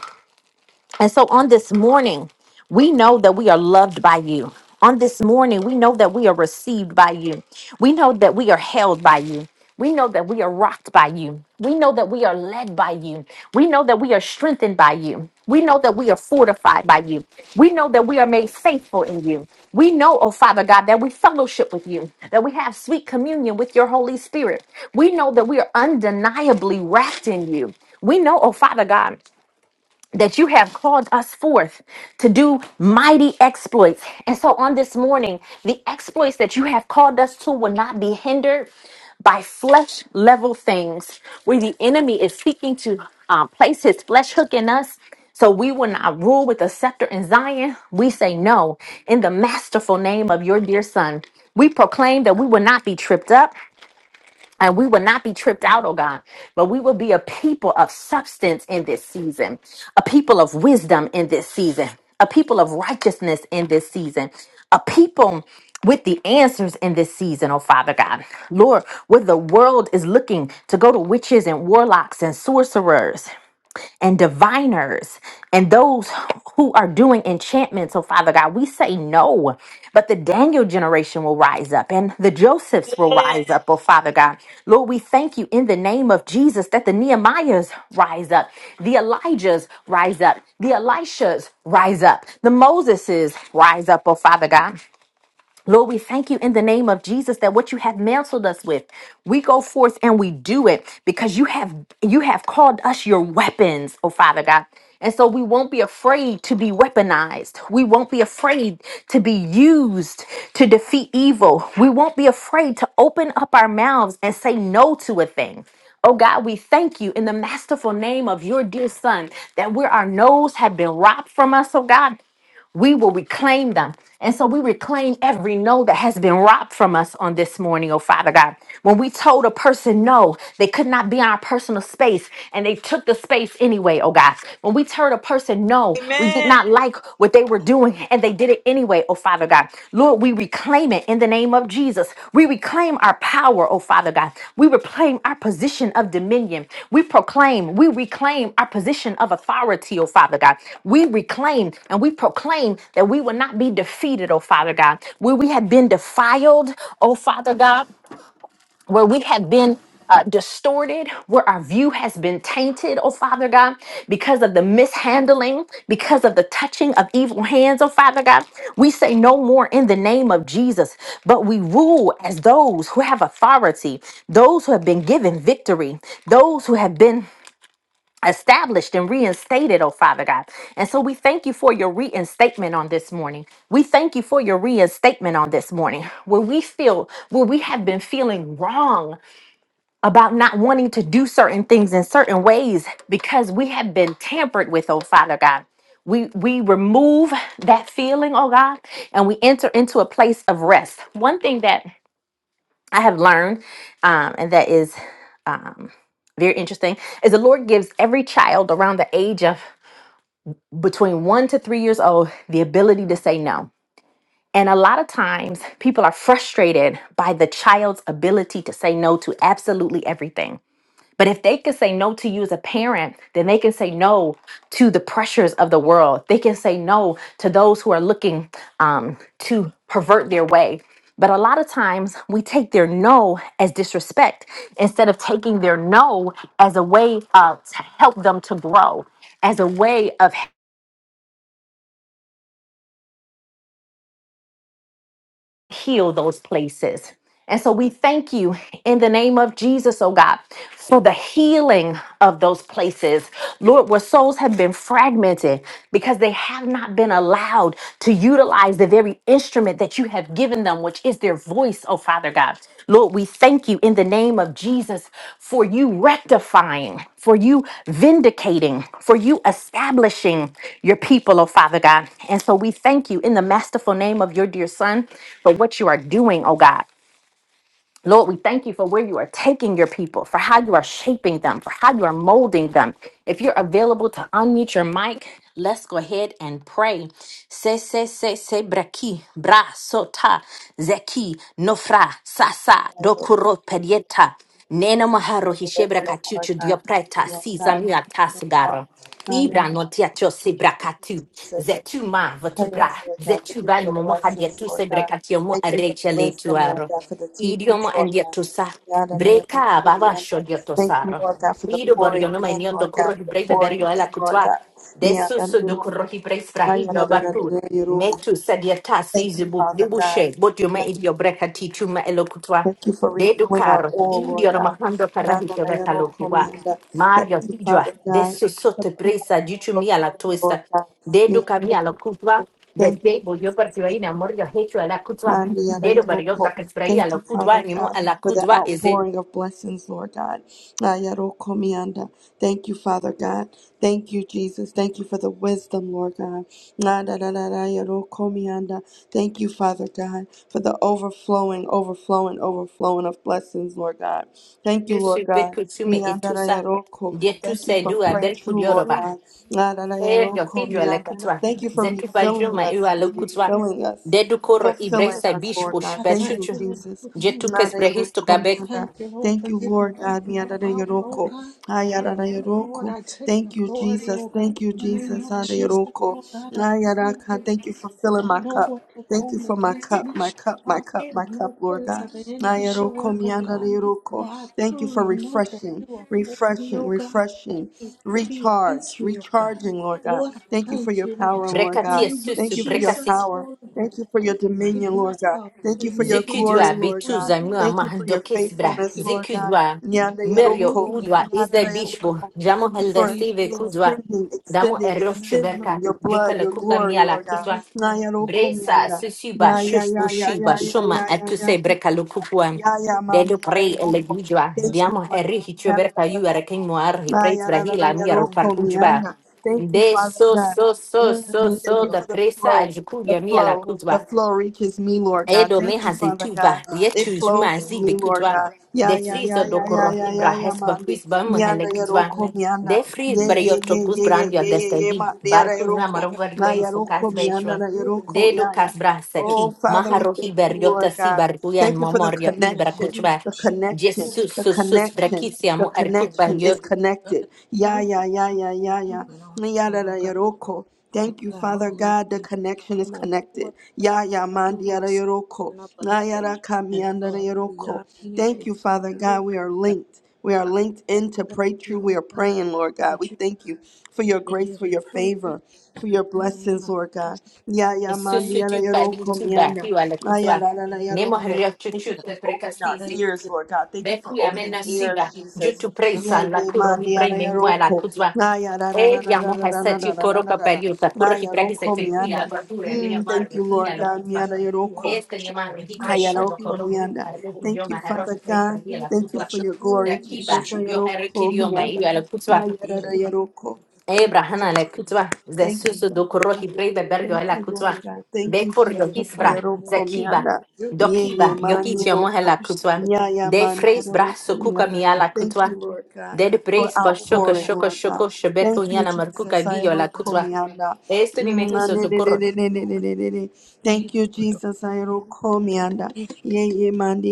[SPEAKER 1] and so on this morning, we know that we are loved by you. On this morning, we know that we are received by you. We know that we are held by you. We know that we are rocked by you. We know that we are led by you. We know that we are strengthened by you. We know that we are fortified by you. We know that we are made faithful in you. We know, oh Father God, that we fellowship with you, that we have sweet communion with your Holy Spirit. We know that we are undeniably wrapped in you. We know, oh Father God that you have called us forth to do mighty exploits. And so on this morning, the exploits that you have called us to will not be hindered by flesh level things where the enemy is seeking to uh, place his flesh hook in us. So we will not rule with a scepter in Zion. We say no in the masterful name of your dear son. We proclaim that we will not be tripped up and we will not be tripped out, oh God, but we will be a people of substance in this season, a people of wisdom in this season, a people of righteousness in this season, a people with the answers in this season, oh Father God. Lord, where the world is looking to go to witches and warlocks and sorcerers, and diviners and those who are doing enchantments. So, Father God, we say no, but the Daniel generation will rise up and the Josephs will
[SPEAKER 2] Amen.
[SPEAKER 1] rise up, oh Father God. Lord, we thank you in the name of Jesus that the Nehemiahs rise up, the Elijahs rise up, the Elishas rise up, the Moseses rise up, oh Father God. Lord, we thank you in the name of Jesus that what you have mantled us with, we go forth and we do it because you have you have called us your weapons, oh Father God. And so we won't be afraid to be weaponized. We won't be afraid to be used to defeat evil. We won't be afraid to open up our mouths and say no to a thing. Oh God, we thank you in the masterful name of your dear son that where our no's have been robbed from us, oh God we will reclaim them. And so we reclaim every no that has been robbed from us on this morning, oh Father God. When we told a person no, they could not be in our personal space and they took the space anyway, oh God. When we told a person no, we did
[SPEAKER 2] Amen.
[SPEAKER 1] not like what they were doing and they did it anyway, oh Father God. Lord, we we reclaim it in the name of Jesus. We reclaim our power, oh Father God. We reclaim our position of dominion. We proclaim, we reclaim our position of authority, oh Father God. We reclaim and we proclaim that we will not be defeated, oh Father God. Where we have been defiled, oh Father God where we have been uh, distorted, where our view has been tainted, oh Father God, because of the mishandling, because of the touching of evil hands, oh Father God. We say no more in the name of Jesus, but we rule as those who have authority, those who have been given victory, those who have been established and reinstated, oh Father God. And so we thank you for your reinstatement on this morning. We thank you for your reinstatement on this morning where we feel, where we have been feeling wrong about not wanting to do certain things in certain ways because we have been tampered with, oh Father God. We we remove that feeling, oh God, and we enter into a place of rest. One thing that I have learned, um, and that is um, very interesting, is the Lord gives every child around the age of between one to three years old the ability to say no. And a lot of times people are frustrated by the child's ability to say no to absolutely everything But if they can say no to you as a parent, then they can say no to the pressures of the world. They can say no to those who are looking um, to pervert their way. But a lot of times we take their no as disrespect instead of taking their no as a way uh, to help them to grow, as a way of heal those places. And so we thank you in the name of Jesus, oh God, for the healing of those places, Lord, where souls have been fragmented because they have not been allowed to utilize the very instrument that you have given them, which is their their voice, oh Father God. Lord, we thank you in the name of Jesus for you rectifying, for you vindicating, for you establishing your people, oh Father God. And so we thank you in the masterful name of your dear Son for what you are doing, oh God. Lord, we thank you for where you are taking your people, for how you are shaping them, for how you are molding them. If you're available to unmute your mic, let's go ahead and pray. Se se se se braki bra sota zeki nofra sasa
[SPEAKER 2] Jesus.
[SPEAKER 1] dokuro perieta nena maharo hishebra
[SPEAKER 2] Prayers, Lord
[SPEAKER 1] katutu diapreta si zamia tasgara. Ibra no tiatio sebrakatu, zetu ma vatupra,
[SPEAKER 2] God. Thank
[SPEAKER 1] zetu
[SPEAKER 2] you for
[SPEAKER 1] van
[SPEAKER 2] the
[SPEAKER 1] momo
[SPEAKER 2] blessings,
[SPEAKER 1] hadiatu
[SPEAKER 2] Lord God.
[SPEAKER 1] sebrakatio mo
[SPEAKER 2] Thank you for the
[SPEAKER 1] arecha
[SPEAKER 2] wisdom, Lord
[SPEAKER 1] letuaro.
[SPEAKER 2] God, for the
[SPEAKER 1] Idiomo
[SPEAKER 2] teachings, Lord God.
[SPEAKER 1] andiatusa, breka baba
[SPEAKER 2] Thank you,
[SPEAKER 1] shodiatosaro.
[SPEAKER 2] Lord God, for the
[SPEAKER 1] Ido
[SPEAKER 2] pouring
[SPEAKER 1] bariono
[SPEAKER 2] in, Lord
[SPEAKER 1] maniondo
[SPEAKER 2] God,
[SPEAKER 1] curro
[SPEAKER 2] for the
[SPEAKER 1] breve
[SPEAKER 2] pouring
[SPEAKER 1] berio la
[SPEAKER 2] in, Lord
[SPEAKER 1] cutua, desu sudu curro hibres frahidno
[SPEAKER 2] God.
[SPEAKER 1] batu. Metu sadiata
[SPEAKER 2] Thank you,
[SPEAKER 1] sizibu
[SPEAKER 2] Father
[SPEAKER 1] dibushe,
[SPEAKER 2] God.
[SPEAKER 1] botiume idio brecati chuma elocutua,
[SPEAKER 2] Thank you for refilling our
[SPEAKER 1] deducaro,
[SPEAKER 2] oil, Lord
[SPEAKER 1] idio
[SPEAKER 2] God.
[SPEAKER 1] mahando
[SPEAKER 2] And I know
[SPEAKER 1] parahito
[SPEAKER 2] that it all comes
[SPEAKER 1] betalocua.
[SPEAKER 2] in the-
[SPEAKER 1] Mario,
[SPEAKER 2] Thank you,
[SPEAKER 1] Hidra,
[SPEAKER 2] Father God,
[SPEAKER 1] adesso
[SPEAKER 2] for the cup
[SPEAKER 1] sottopresa, diciumi alla
[SPEAKER 2] overflowing, Lord
[SPEAKER 1] tosta,
[SPEAKER 2] God. Me and
[SPEAKER 1] deducami
[SPEAKER 2] the
[SPEAKER 1] alla cutua,
[SPEAKER 2] Lord, Thank you,
[SPEAKER 1] despego io
[SPEAKER 2] Jesus.
[SPEAKER 1] partirò
[SPEAKER 2] They
[SPEAKER 1] in
[SPEAKER 2] will
[SPEAKER 1] amore,
[SPEAKER 2] come
[SPEAKER 1] io
[SPEAKER 2] in.
[SPEAKER 1] hecho alla cutua,
[SPEAKER 2] Man, the other, you
[SPEAKER 1] dedo per
[SPEAKER 2] know,
[SPEAKER 1] io
[SPEAKER 2] co-
[SPEAKER 1] tacca spray
[SPEAKER 2] Thank
[SPEAKER 1] alla
[SPEAKER 2] you,
[SPEAKER 1] cutua,
[SPEAKER 2] Father
[SPEAKER 1] nimo
[SPEAKER 2] God,
[SPEAKER 1] alla
[SPEAKER 2] for the
[SPEAKER 1] cutua, e se
[SPEAKER 2] outpouring of blessings, Lord God. Ah, you know, come in. Thank you, Father God. Thank you, Jesus. Thank you for the wisdom, Lord God. Na, da, da, da, da, you know, come in. Thank you, Father God, for the overflowing, overflowing, overflowing of blessings, Lord God. Thank you, Lord
[SPEAKER 1] tu per
[SPEAKER 2] God.
[SPEAKER 1] cutume e
[SPEAKER 2] Mianda
[SPEAKER 1] tu
[SPEAKER 2] da ya
[SPEAKER 1] sa,
[SPEAKER 2] roko.
[SPEAKER 1] di tu
[SPEAKER 2] Thank you
[SPEAKER 1] sei
[SPEAKER 2] for
[SPEAKER 1] due a
[SPEAKER 2] pray
[SPEAKER 1] bel
[SPEAKER 2] true, Lord
[SPEAKER 1] cudioroba,
[SPEAKER 3] Lord,
[SPEAKER 2] God.
[SPEAKER 3] I
[SPEAKER 2] Na da da ya
[SPEAKER 1] e
[SPEAKER 3] thank
[SPEAKER 1] io
[SPEAKER 2] roko,
[SPEAKER 3] you
[SPEAKER 1] hidro
[SPEAKER 3] that
[SPEAKER 1] alla
[SPEAKER 2] mianda.
[SPEAKER 3] you're not
[SPEAKER 1] cutua,
[SPEAKER 2] Thank you
[SPEAKER 3] under
[SPEAKER 2] for
[SPEAKER 3] me
[SPEAKER 1] zetupa
[SPEAKER 3] above.
[SPEAKER 2] refilling
[SPEAKER 1] giuma io
[SPEAKER 2] us,
[SPEAKER 3] I
[SPEAKER 1] alla
[SPEAKER 3] need to
[SPEAKER 1] cutua,
[SPEAKER 3] be
[SPEAKER 2] refilling us,
[SPEAKER 3] close
[SPEAKER 1] deducor i
[SPEAKER 3] to
[SPEAKER 2] fulfilling
[SPEAKER 3] you.
[SPEAKER 1] bressa
[SPEAKER 2] us, Lord
[SPEAKER 1] bishpush,
[SPEAKER 2] God.
[SPEAKER 3] I
[SPEAKER 1] per
[SPEAKER 2] Thank
[SPEAKER 3] thank
[SPEAKER 2] you,
[SPEAKER 1] chuchu,
[SPEAKER 3] you, Lord,
[SPEAKER 2] Jesus.
[SPEAKER 3] for the
[SPEAKER 1] getuca
[SPEAKER 2] Na da ya
[SPEAKER 1] sprehisto
[SPEAKER 2] roko,
[SPEAKER 3] I
[SPEAKER 1] gabe,
[SPEAKER 2] mianda.
[SPEAKER 3] thank you, Lord,
[SPEAKER 2] Thank
[SPEAKER 3] for
[SPEAKER 2] you,
[SPEAKER 3] giving
[SPEAKER 2] Lord
[SPEAKER 3] back
[SPEAKER 2] God. Mianda da ya
[SPEAKER 3] power, oh
[SPEAKER 2] roko.
[SPEAKER 3] God. Lord,
[SPEAKER 2] Ayararayaroko.
[SPEAKER 3] I take
[SPEAKER 2] Thank you,
[SPEAKER 3] authority,
[SPEAKER 2] Jesus.
[SPEAKER 3] oh God.
[SPEAKER 2] Thank you,
[SPEAKER 3] In the name
[SPEAKER 2] Jesus.
[SPEAKER 3] of Jesus,
[SPEAKER 2] Ayaroko.
[SPEAKER 3] oh God, I thank
[SPEAKER 2] Ayaraka.
[SPEAKER 3] you.
[SPEAKER 2] Thank you for filling my
[SPEAKER 3] No
[SPEAKER 2] cup.
[SPEAKER 3] one that
[SPEAKER 2] Thank you
[SPEAKER 3] formed
[SPEAKER 2] for my
[SPEAKER 3] against
[SPEAKER 2] cup,
[SPEAKER 3] me
[SPEAKER 2] my
[SPEAKER 3] shall
[SPEAKER 2] cup, my
[SPEAKER 3] prosper.
[SPEAKER 2] cup, my
[SPEAKER 3] No
[SPEAKER 2] cup, Lord
[SPEAKER 3] plans
[SPEAKER 2] God.
[SPEAKER 3] of the enemy shall
[SPEAKER 2] Ayaroko,
[SPEAKER 3] work, oh God. For
[SPEAKER 2] miyandarayaroko.
[SPEAKER 3] I
[SPEAKER 2] Thank you for
[SPEAKER 3] truly know that
[SPEAKER 2] refreshing,
[SPEAKER 3] you are for me,
[SPEAKER 2] refreshing,
[SPEAKER 3] oh God.
[SPEAKER 2] refreshing,
[SPEAKER 3] to be
[SPEAKER 2] recharge,
[SPEAKER 3] against me, oh God.
[SPEAKER 2] recharging, Lord God.
[SPEAKER 3] Lord, I
[SPEAKER 2] Thank you for
[SPEAKER 3] thank
[SPEAKER 2] your
[SPEAKER 3] you, Lord.
[SPEAKER 2] power, Lord
[SPEAKER 3] In the
[SPEAKER 2] God.
[SPEAKER 1] brecatie
[SPEAKER 3] name of
[SPEAKER 2] Thank
[SPEAKER 1] susu,
[SPEAKER 2] you for your
[SPEAKER 3] Jesus,
[SPEAKER 2] power.
[SPEAKER 3] oh Lord,
[SPEAKER 2] Thank you for your
[SPEAKER 3] I
[SPEAKER 2] dominion, Lord
[SPEAKER 3] bless
[SPEAKER 2] God.
[SPEAKER 3] our
[SPEAKER 2] Thank
[SPEAKER 3] holy
[SPEAKER 2] you for your
[SPEAKER 3] name on this
[SPEAKER 2] glory,
[SPEAKER 1] zikidwa
[SPEAKER 2] Lord God.
[SPEAKER 3] morning, Lord.
[SPEAKER 1] bituzanywa
[SPEAKER 2] Thank you for your
[SPEAKER 3] I thank
[SPEAKER 1] mahandokisbra
[SPEAKER 2] faithfulness,
[SPEAKER 3] you
[SPEAKER 2] Lord God.
[SPEAKER 1] zikidwa
[SPEAKER 3] for
[SPEAKER 1] merio
[SPEAKER 2] Nyandarayaroko.
[SPEAKER 3] moving it
[SPEAKER 1] udwa
[SPEAKER 2] Thank
[SPEAKER 3] up,
[SPEAKER 1] izde
[SPEAKER 3] oh God.
[SPEAKER 1] bishbo jamo
[SPEAKER 2] you for
[SPEAKER 3] Thank
[SPEAKER 1] heldesive
[SPEAKER 3] you, Lord.
[SPEAKER 1] kudwa
[SPEAKER 2] extending,
[SPEAKER 1] damo
[SPEAKER 2] extending,
[SPEAKER 3] In the name
[SPEAKER 2] extending
[SPEAKER 3] of
[SPEAKER 1] errochuberka
[SPEAKER 2] your
[SPEAKER 3] Jesus,
[SPEAKER 2] blood,
[SPEAKER 1] jukala
[SPEAKER 2] your
[SPEAKER 3] oh
[SPEAKER 1] kuka
[SPEAKER 3] God.
[SPEAKER 2] glory,
[SPEAKER 1] miala
[SPEAKER 2] Lord God.
[SPEAKER 1] kudwa
[SPEAKER 3] Thank you, Jesus.
[SPEAKER 1] bresa
[SPEAKER 2] Nayarokomianda.
[SPEAKER 1] susiba
[SPEAKER 2] Ya
[SPEAKER 3] Thank you.
[SPEAKER 2] ya
[SPEAKER 3] I
[SPEAKER 2] ya
[SPEAKER 1] shushbu
[SPEAKER 2] ya ya
[SPEAKER 1] shiba
[SPEAKER 2] ya
[SPEAKER 1] shuma
[SPEAKER 2] ya ya ya ya
[SPEAKER 1] atuse
[SPEAKER 3] Thank
[SPEAKER 1] breka
[SPEAKER 3] you. Lord.
[SPEAKER 2] ya
[SPEAKER 1] lukukwa
[SPEAKER 2] ya ya man.
[SPEAKER 1] dedo
[SPEAKER 3] In
[SPEAKER 1] prei
[SPEAKER 3] the name of
[SPEAKER 2] Yararoko.
[SPEAKER 1] elegidwa
[SPEAKER 3] Jesus,
[SPEAKER 2] Thank you,
[SPEAKER 1] diamo
[SPEAKER 3] oh
[SPEAKER 2] Lord
[SPEAKER 1] erri
[SPEAKER 2] God.
[SPEAKER 1] hichuberka yu
[SPEAKER 2] Yararoko.
[SPEAKER 1] arekin noar hi
[SPEAKER 2] Ah,
[SPEAKER 1] preit brahila
[SPEAKER 3] Thank you,
[SPEAKER 1] miaro
[SPEAKER 2] yararararoko,
[SPEAKER 3] wonderful
[SPEAKER 1] parkujba
[SPEAKER 2] mianda. Thank you,
[SPEAKER 1] de
[SPEAKER 3] Savior.
[SPEAKER 2] Father
[SPEAKER 1] so
[SPEAKER 2] God.
[SPEAKER 1] so so
[SPEAKER 3] Thank
[SPEAKER 1] so
[SPEAKER 2] Mm, thank
[SPEAKER 3] you,
[SPEAKER 1] so
[SPEAKER 2] you
[SPEAKER 1] da
[SPEAKER 3] Lord.
[SPEAKER 2] for the
[SPEAKER 1] presa
[SPEAKER 2] flow. The
[SPEAKER 1] ajukuya miala
[SPEAKER 2] flow,
[SPEAKER 3] Oh,
[SPEAKER 2] the
[SPEAKER 1] kudwa
[SPEAKER 3] Lord.
[SPEAKER 2] flow reaches me, Lord God.
[SPEAKER 1] Edome
[SPEAKER 2] Thank you,
[SPEAKER 3] Thank
[SPEAKER 2] Father God.
[SPEAKER 1] hazetuba,
[SPEAKER 3] God and
[SPEAKER 2] It
[SPEAKER 1] yetu
[SPEAKER 3] God
[SPEAKER 1] zuma
[SPEAKER 2] flows to me,
[SPEAKER 1] zive
[SPEAKER 3] alone.
[SPEAKER 2] Lord
[SPEAKER 1] kutwa,
[SPEAKER 3] God,
[SPEAKER 2] God. Yeah,
[SPEAKER 1] de
[SPEAKER 2] yeah,
[SPEAKER 3] thank you,
[SPEAKER 2] yeah,
[SPEAKER 1] frizo do
[SPEAKER 2] yeah,
[SPEAKER 3] God.
[SPEAKER 2] yeah,
[SPEAKER 3] for
[SPEAKER 2] yeah,
[SPEAKER 1] korohi bra
[SPEAKER 2] yeah, yeah,
[SPEAKER 1] hesba
[SPEAKER 2] mande.
[SPEAKER 1] puis ba
[SPEAKER 2] Nyanda
[SPEAKER 1] kutwa,
[SPEAKER 3] moving.
[SPEAKER 2] yaroko nyanda.
[SPEAKER 1] de friz
[SPEAKER 2] Ye,
[SPEAKER 1] brio
[SPEAKER 2] ye, ye, ye,
[SPEAKER 3] Thank
[SPEAKER 2] ye,
[SPEAKER 1] brandia
[SPEAKER 2] ye, ye,
[SPEAKER 3] you,
[SPEAKER 2] ye,
[SPEAKER 1] destavi,
[SPEAKER 2] mande yara
[SPEAKER 1] barku na
[SPEAKER 3] Heavenly
[SPEAKER 2] yaroko.
[SPEAKER 1] marover
[SPEAKER 2] Na
[SPEAKER 1] gway
[SPEAKER 3] Father, for
[SPEAKER 2] yaroko
[SPEAKER 1] fokas
[SPEAKER 3] which
[SPEAKER 2] nyanda
[SPEAKER 1] beishwa,
[SPEAKER 2] na
[SPEAKER 3] your good
[SPEAKER 2] yaroko.
[SPEAKER 1] de
[SPEAKER 3] fortune
[SPEAKER 1] do
[SPEAKER 2] Yeah, yeah.
[SPEAKER 1] kas bra
[SPEAKER 3] has
[SPEAKER 2] Oh,
[SPEAKER 1] seki,
[SPEAKER 3] been
[SPEAKER 2] Father,
[SPEAKER 3] taken
[SPEAKER 2] we thank
[SPEAKER 1] maharohi
[SPEAKER 3] from
[SPEAKER 2] you,
[SPEAKER 3] me.
[SPEAKER 1] beriota
[SPEAKER 2] Lord
[SPEAKER 1] si
[SPEAKER 2] God.
[SPEAKER 1] barbuya en
[SPEAKER 2] Thank you for the
[SPEAKER 1] momorio
[SPEAKER 3] In the
[SPEAKER 1] ibra
[SPEAKER 2] connection,
[SPEAKER 3] name of
[SPEAKER 1] kuchwa,
[SPEAKER 2] the
[SPEAKER 3] Jesus,
[SPEAKER 2] connection,
[SPEAKER 3] Lord,
[SPEAKER 1] Jesus
[SPEAKER 2] the
[SPEAKER 1] susus
[SPEAKER 3] thank
[SPEAKER 2] connection,
[SPEAKER 3] you,
[SPEAKER 1] brakisia
[SPEAKER 2] the
[SPEAKER 1] mo erkut
[SPEAKER 2] connection
[SPEAKER 1] barrio,
[SPEAKER 2] is
[SPEAKER 3] God.
[SPEAKER 2] connected.
[SPEAKER 3] Thank
[SPEAKER 2] Yeah,
[SPEAKER 3] you
[SPEAKER 2] yeah, yeah, yeah,
[SPEAKER 3] for
[SPEAKER 2] yeah, yeah.
[SPEAKER 3] moving on today, oh
[SPEAKER 2] Yarara
[SPEAKER 3] God.
[SPEAKER 2] yaroko.
[SPEAKER 3] That's
[SPEAKER 2] Thank you,
[SPEAKER 3] the
[SPEAKER 2] Father
[SPEAKER 3] holy
[SPEAKER 2] God. The
[SPEAKER 3] name this
[SPEAKER 2] connection is
[SPEAKER 3] morning. Lord,
[SPEAKER 2] connected.
[SPEAKER 3] thank
[SPEAKER 2] Ya
[SPEAKER 3] you
[SPEAKER 2] ya
[SPEAKER 3] for doing
[SPEAKER 2] mandiara
[SPEAKER 3] exceeding
[SPEAKER 2] yoroko.
[SPEAKER 3] and
[SPEAKER 2] Na yara
[SPEAKER 3] abundantly and
[SPEAKER 2] kamiandara
[SPEAKER 3] above and
[SPEAKER 2] yoroko.
[SPEAKER 3] beyond
[SPEAKER 2] Thank
[SPEAKER 3] anything.
[SPEAKER 2] you, Father God.
[SPEAKER 3] Thank you,
[SPEAKER 2] We are
[SPEAKER 3] God. I
[SPEAKER 2] linked. We are linked in to pray
[SPEAKER 3] Thank
[SPEAKER 2] true.
[SPEAKER 3] you,
[SPEAKER 2] We
[SPEAKER 3] oh
[SPEAKER 2] are
[SPEAKER 3] God,
[SPEAKER 2] praying, Lord God. We
[SPEAKER 3] that you
[SPEAKER 2] thank you for
[SPEAKER 3] speak
[SPEAKER 2] your
[SPEAKER 3] in
[SPEAKER 2] grace, for
[SPEAKER 3] every
[SPEAKER 2] your
[SPEAKER 3] person
[SPEAKER 2] favor, for your
[SPEAKER 3] in the name
[SPEAKER 2] blessings,
[SPEAKER 3] of
[SPEAKER 2] Lord God.
[SPEAKER 3] Jesus.
[SPEAKER 2] Ya ya
[SPEAKER 3] Thank
[SPEAKER 1] susu
[SPEAKER 2] mandiara
[SPEAKER 1] tu pali
[SPEAKER 2] yoroko
[SPEAKER 1] tu
[SPEAKER 2] mianda.
[SPEAKER 1] barrio ala
[SPEAKER 2] Na
[SPEAKER 1] kutwa,
[SPEAKER 2] yara
[SPEAKER 3] you,
[SPEAKER 2] rara
[SPEAKER 3] and every
[SPEAKER 1] nemo
[SPEAKER 3] one of
[SPEAKER 2] yoroko.
[SPEAKER 1] herio
[SPEAKER 2] Thank you
[SPEAKER 3] us.
[SPEAKER 1] chuchut
[SPEAKER 2] for opening our
[SPEAKER 1] de
[SPEAKER 3] Thank you.
[SPEAKER 2] ears, Lord God. Thank you for
[SPEAKER 1] Beku ya
[SPEAKER 3] In the
[SPEAKER 2] open
[SPEAKER 1] mena
[SPEAKER 3] name of
[SPEAKER 1] siva.
[SPEAKER 2] ears,
[SPEAKER 3] Jesus,
[SPEAKER 2] Jesus.
[SPEAKER 1] Jutu
[SPEAKER 3] I
[SPEAKER 1] presa
[SPEAKER 2] Yay,
[SPEAKER 1] la
[SPEAKER 2] yay,
[SPEAKER 1] kuro
[SPEAKER 2] man, the
[SPEAKER 3] do
[SPEAKER 2] other
[SPEAKER 1] hibrei me mua la
[SPEAKER 3] receive
[SPEAKER 2] Yaroko.
[SPEAKER 1] kuzwa.
[SPEAKER 3] my
[SPEAKER 2] Naya,
[SPEAKER 3] heart
[SPEAKER 2] da, da, da,
[SPEAKER 1] E
[SPEAKER 2] da,
[SPEAKER 1] diamo
[SPEAKER 2] da, da, da,
[SPEAKER 1] haset yu
[SPEAKER 2] da, da, da,
[SPEAKER 1] koro
[SPEAKER 2] da,
[SPEAKER 3] and
[SPEAKER 2] da, da.
[SPEAKER 1] kapelio ta kuro
[SPEAKER 2] Naya,
[SPEAKER 1] hibrei hise
[SPEAKER 2] Roko,
[SPEAKER 3] prayer.
[SPEAKER 1] tekria
[SPEAKER 2] Mianda.
[SPEAKER 1] gordura mi
[SPEAKER 2] Mm,
[SPEAKER 1] amar
[SPEAKER 2] thank
[SPEAKER 1] yo
[SPEAKER 2] you,
[SPEAKER 3] Thank
[SPEAKER 1] kia
[SPEAKER 2] Lord
[SPEAKER 3] you,
[SPEAKER 1] lo
[SPEAKER 3] Lord,
[SPEAKER 2] God,
[SPEAKER 1] kuzwa.
[SPEAKER 2] Mianda,
[SPEAKER 3] that you
[SPEAKER 2] Yaroko.
[SPEAKER 3] are
[SPEAKER 1] Este mi
[SPEAKER 3] true
[SPEAKER 1] amar
[SPEAKER 3] and we
[SPEAKER 1] hibre
[SPEAKER 2] Naya,
[SPEAKER 1] hise
[SPEAKER 3] shall
[SPEAKER 1] lo
[SPEAKER 2] Roko,
[SPEAKER 3] not
[SPEAKER 1] koro.
[SPEAKER 3] walk.
[SPEAKER 2] Mianda.
[SPEAKER 1] Arro
[SPEAKER 2] Thank you,
[SPEAKER 1] idioma arro
[SPEAKER 2] Father
[SPEAKER 1] hibre
[SPEAKER 3] Thank
[SPEAKER 2] God.
[SPEAKER 3] you,
[SPEAKER 1] hibre
[SPEAKER 3] Lord,
[SPEAKER 1] la
[SPEAKER 2] Thank you
[SPEAKER 1] kuzwa.
[SPEAKER 3] that
[SPEAKER 2] for
[SPEAKER 3] your
[SPEAKER 2] your
[SPEAKER 3] word
[SPEAKER 2] glory,
[SPEAKER 3] is
[SPEAKER 1] Trakiba
[SPEAKER 2] Jesus.
[SPEAKER 3] true.
[SPEAKER 2] Naya,
[SPEAKER 1] yo arro
[SPEAKER 3] And
[SPEAKER 2] Roko,
[SPEAKER 3] that
[SPEAKER 1] idioma
[SPEAKER 2] Mianda.
[SPEAKER 3] every
[SPEAKER 1] iwa lo
[SPEAKER 3] other
[SPEAKER 1] kuzwa.
[SPEAKER 2] Naya,
[SPEAKER 3] man be
[SPEAKER 2] da, da,
[SPEAKER 3] alive.
[SPEAKER 2] Yaroko. Thank
[SPEAKER 1] Ebra
[SPEAKER 2] you,
[SPEAKER 1] hana
[SPEAKER 3] Lord,
[SPEAKER 1] la
[SPEAKER 3] thank you,
[SPEAKER 1] kutwa
[SPEAKER 3] Father,
[SPEAKER 1] ze
[SPEAKER 3] in
[SPEAKER 2] thank
[SPEAKER 3] the
[SPEAKER 2] you,
[SPEAKER 3] name
[SPEAKER 1] susu do
[SPEAKER 3] of
[SPEAKER 2] Father.
[SPEAKER 1] korohi
[SPEAKER 3] Jesus. You
[SPEAKER 1] bergo
[SPEAKER 2] Thank
[SPEAKER 1] la
[SPEAKER 2] you,
[SPEAKER 3] see
[SPEAKER 2] Lord
[SPEAKER 1] kutwa
[SPEAKER 3] your
[SPEAKER 2] God. Thank
[SPEAKER 1] be
[SPEAKER 2] you,
[SPEAKER 1] kor yo
[SPEAKER 3] prayers
[SPEAKER 2] Jesus.
[SPEAKER 3] two
[SPEAKER 1] hisbra ze
[SPEAKER 3] more
[SPEAKER 2] Ayaroko
[SPEAKER 3] again.
[SPEAKER 1] kiba
[SPEAKER 2] mianda.
[SPEAKER 3] Your
[SPEAKER 1] do
[SPEAKER 2] Ye ye
[SPEAKER 1] kiba
[SPEAKER 3] name,
[SPEAKER 1] yo
[SPEAKER 2] mani
[SPEAKER 1] hichi mohe
[SPEAKER 2] roko.
[SPEAKER 3] you see
[SPEAKER 1] kutwa
[SPEAKER 3] that
[SPEAKER 2] Nya ya
[SPEAKER 3] you
[SPEAKER 1] de
[SPEAKER 2] mani
[SPEAKER 3] do.
[SPEAKER 1] freis bra
[SPEAKER 2] roko
[SPEAKER 1] sokuka
[SPEAKER 2] mianda.
[SPEAKER 1] mi ala
[SPEAKER 2] Thank you,
[SPEAKER 1] kutwa
[SPEAKER 2] Lord God,
[SPEAKER 1] de de
[SPEAKER 2] for
[SPEAKER 1] preis pa
[SPEAKER 3] Oh
[SPEAKER 1] shoko
[SPEAKER 3] God,
[SPEAKER 2] outpouring,
[SPEAKER 3] I
[SPEAKER 1] shoko
[SPEAKER 2] Lord God.
[SPEAKER 1] shoko shebeko
[SPEAKER 2] Thank you,
[SPEAKER 1] nyana markuka
[SPEAKER 2] Jesus.
[SPEAKER 1] bi
[SPEAKER 3] oh
[SPEAKER 1] la
[SPEAKER 3] God,
[SPEAKER 2] Ayaroko
[SPEAKER 1] kutwa
[SPEAKER 2] mianda.
[SPEAKER 1] esto ni
[SPEAKER 2] Mm,
[SPEAKER 1] mehe
[SPEAKER 2] ah, ne- ne- ne- ne-
[SPEAKER 3] this
[SPEAKER 2] ne- ne- ne-
[SPEAKER 3] morning.
[SPEAKER 2] ne- ne- ne.
[SPEAKER 3] Thank you,
[SPEAKER 2] Thank you,
[SPEAKER 3] Lord.
[SPEAKER 2] Jesus. Ayaroko mianda.
[SPEAKER 3] Thank you.
[SPEAKER 2] Ye ye mani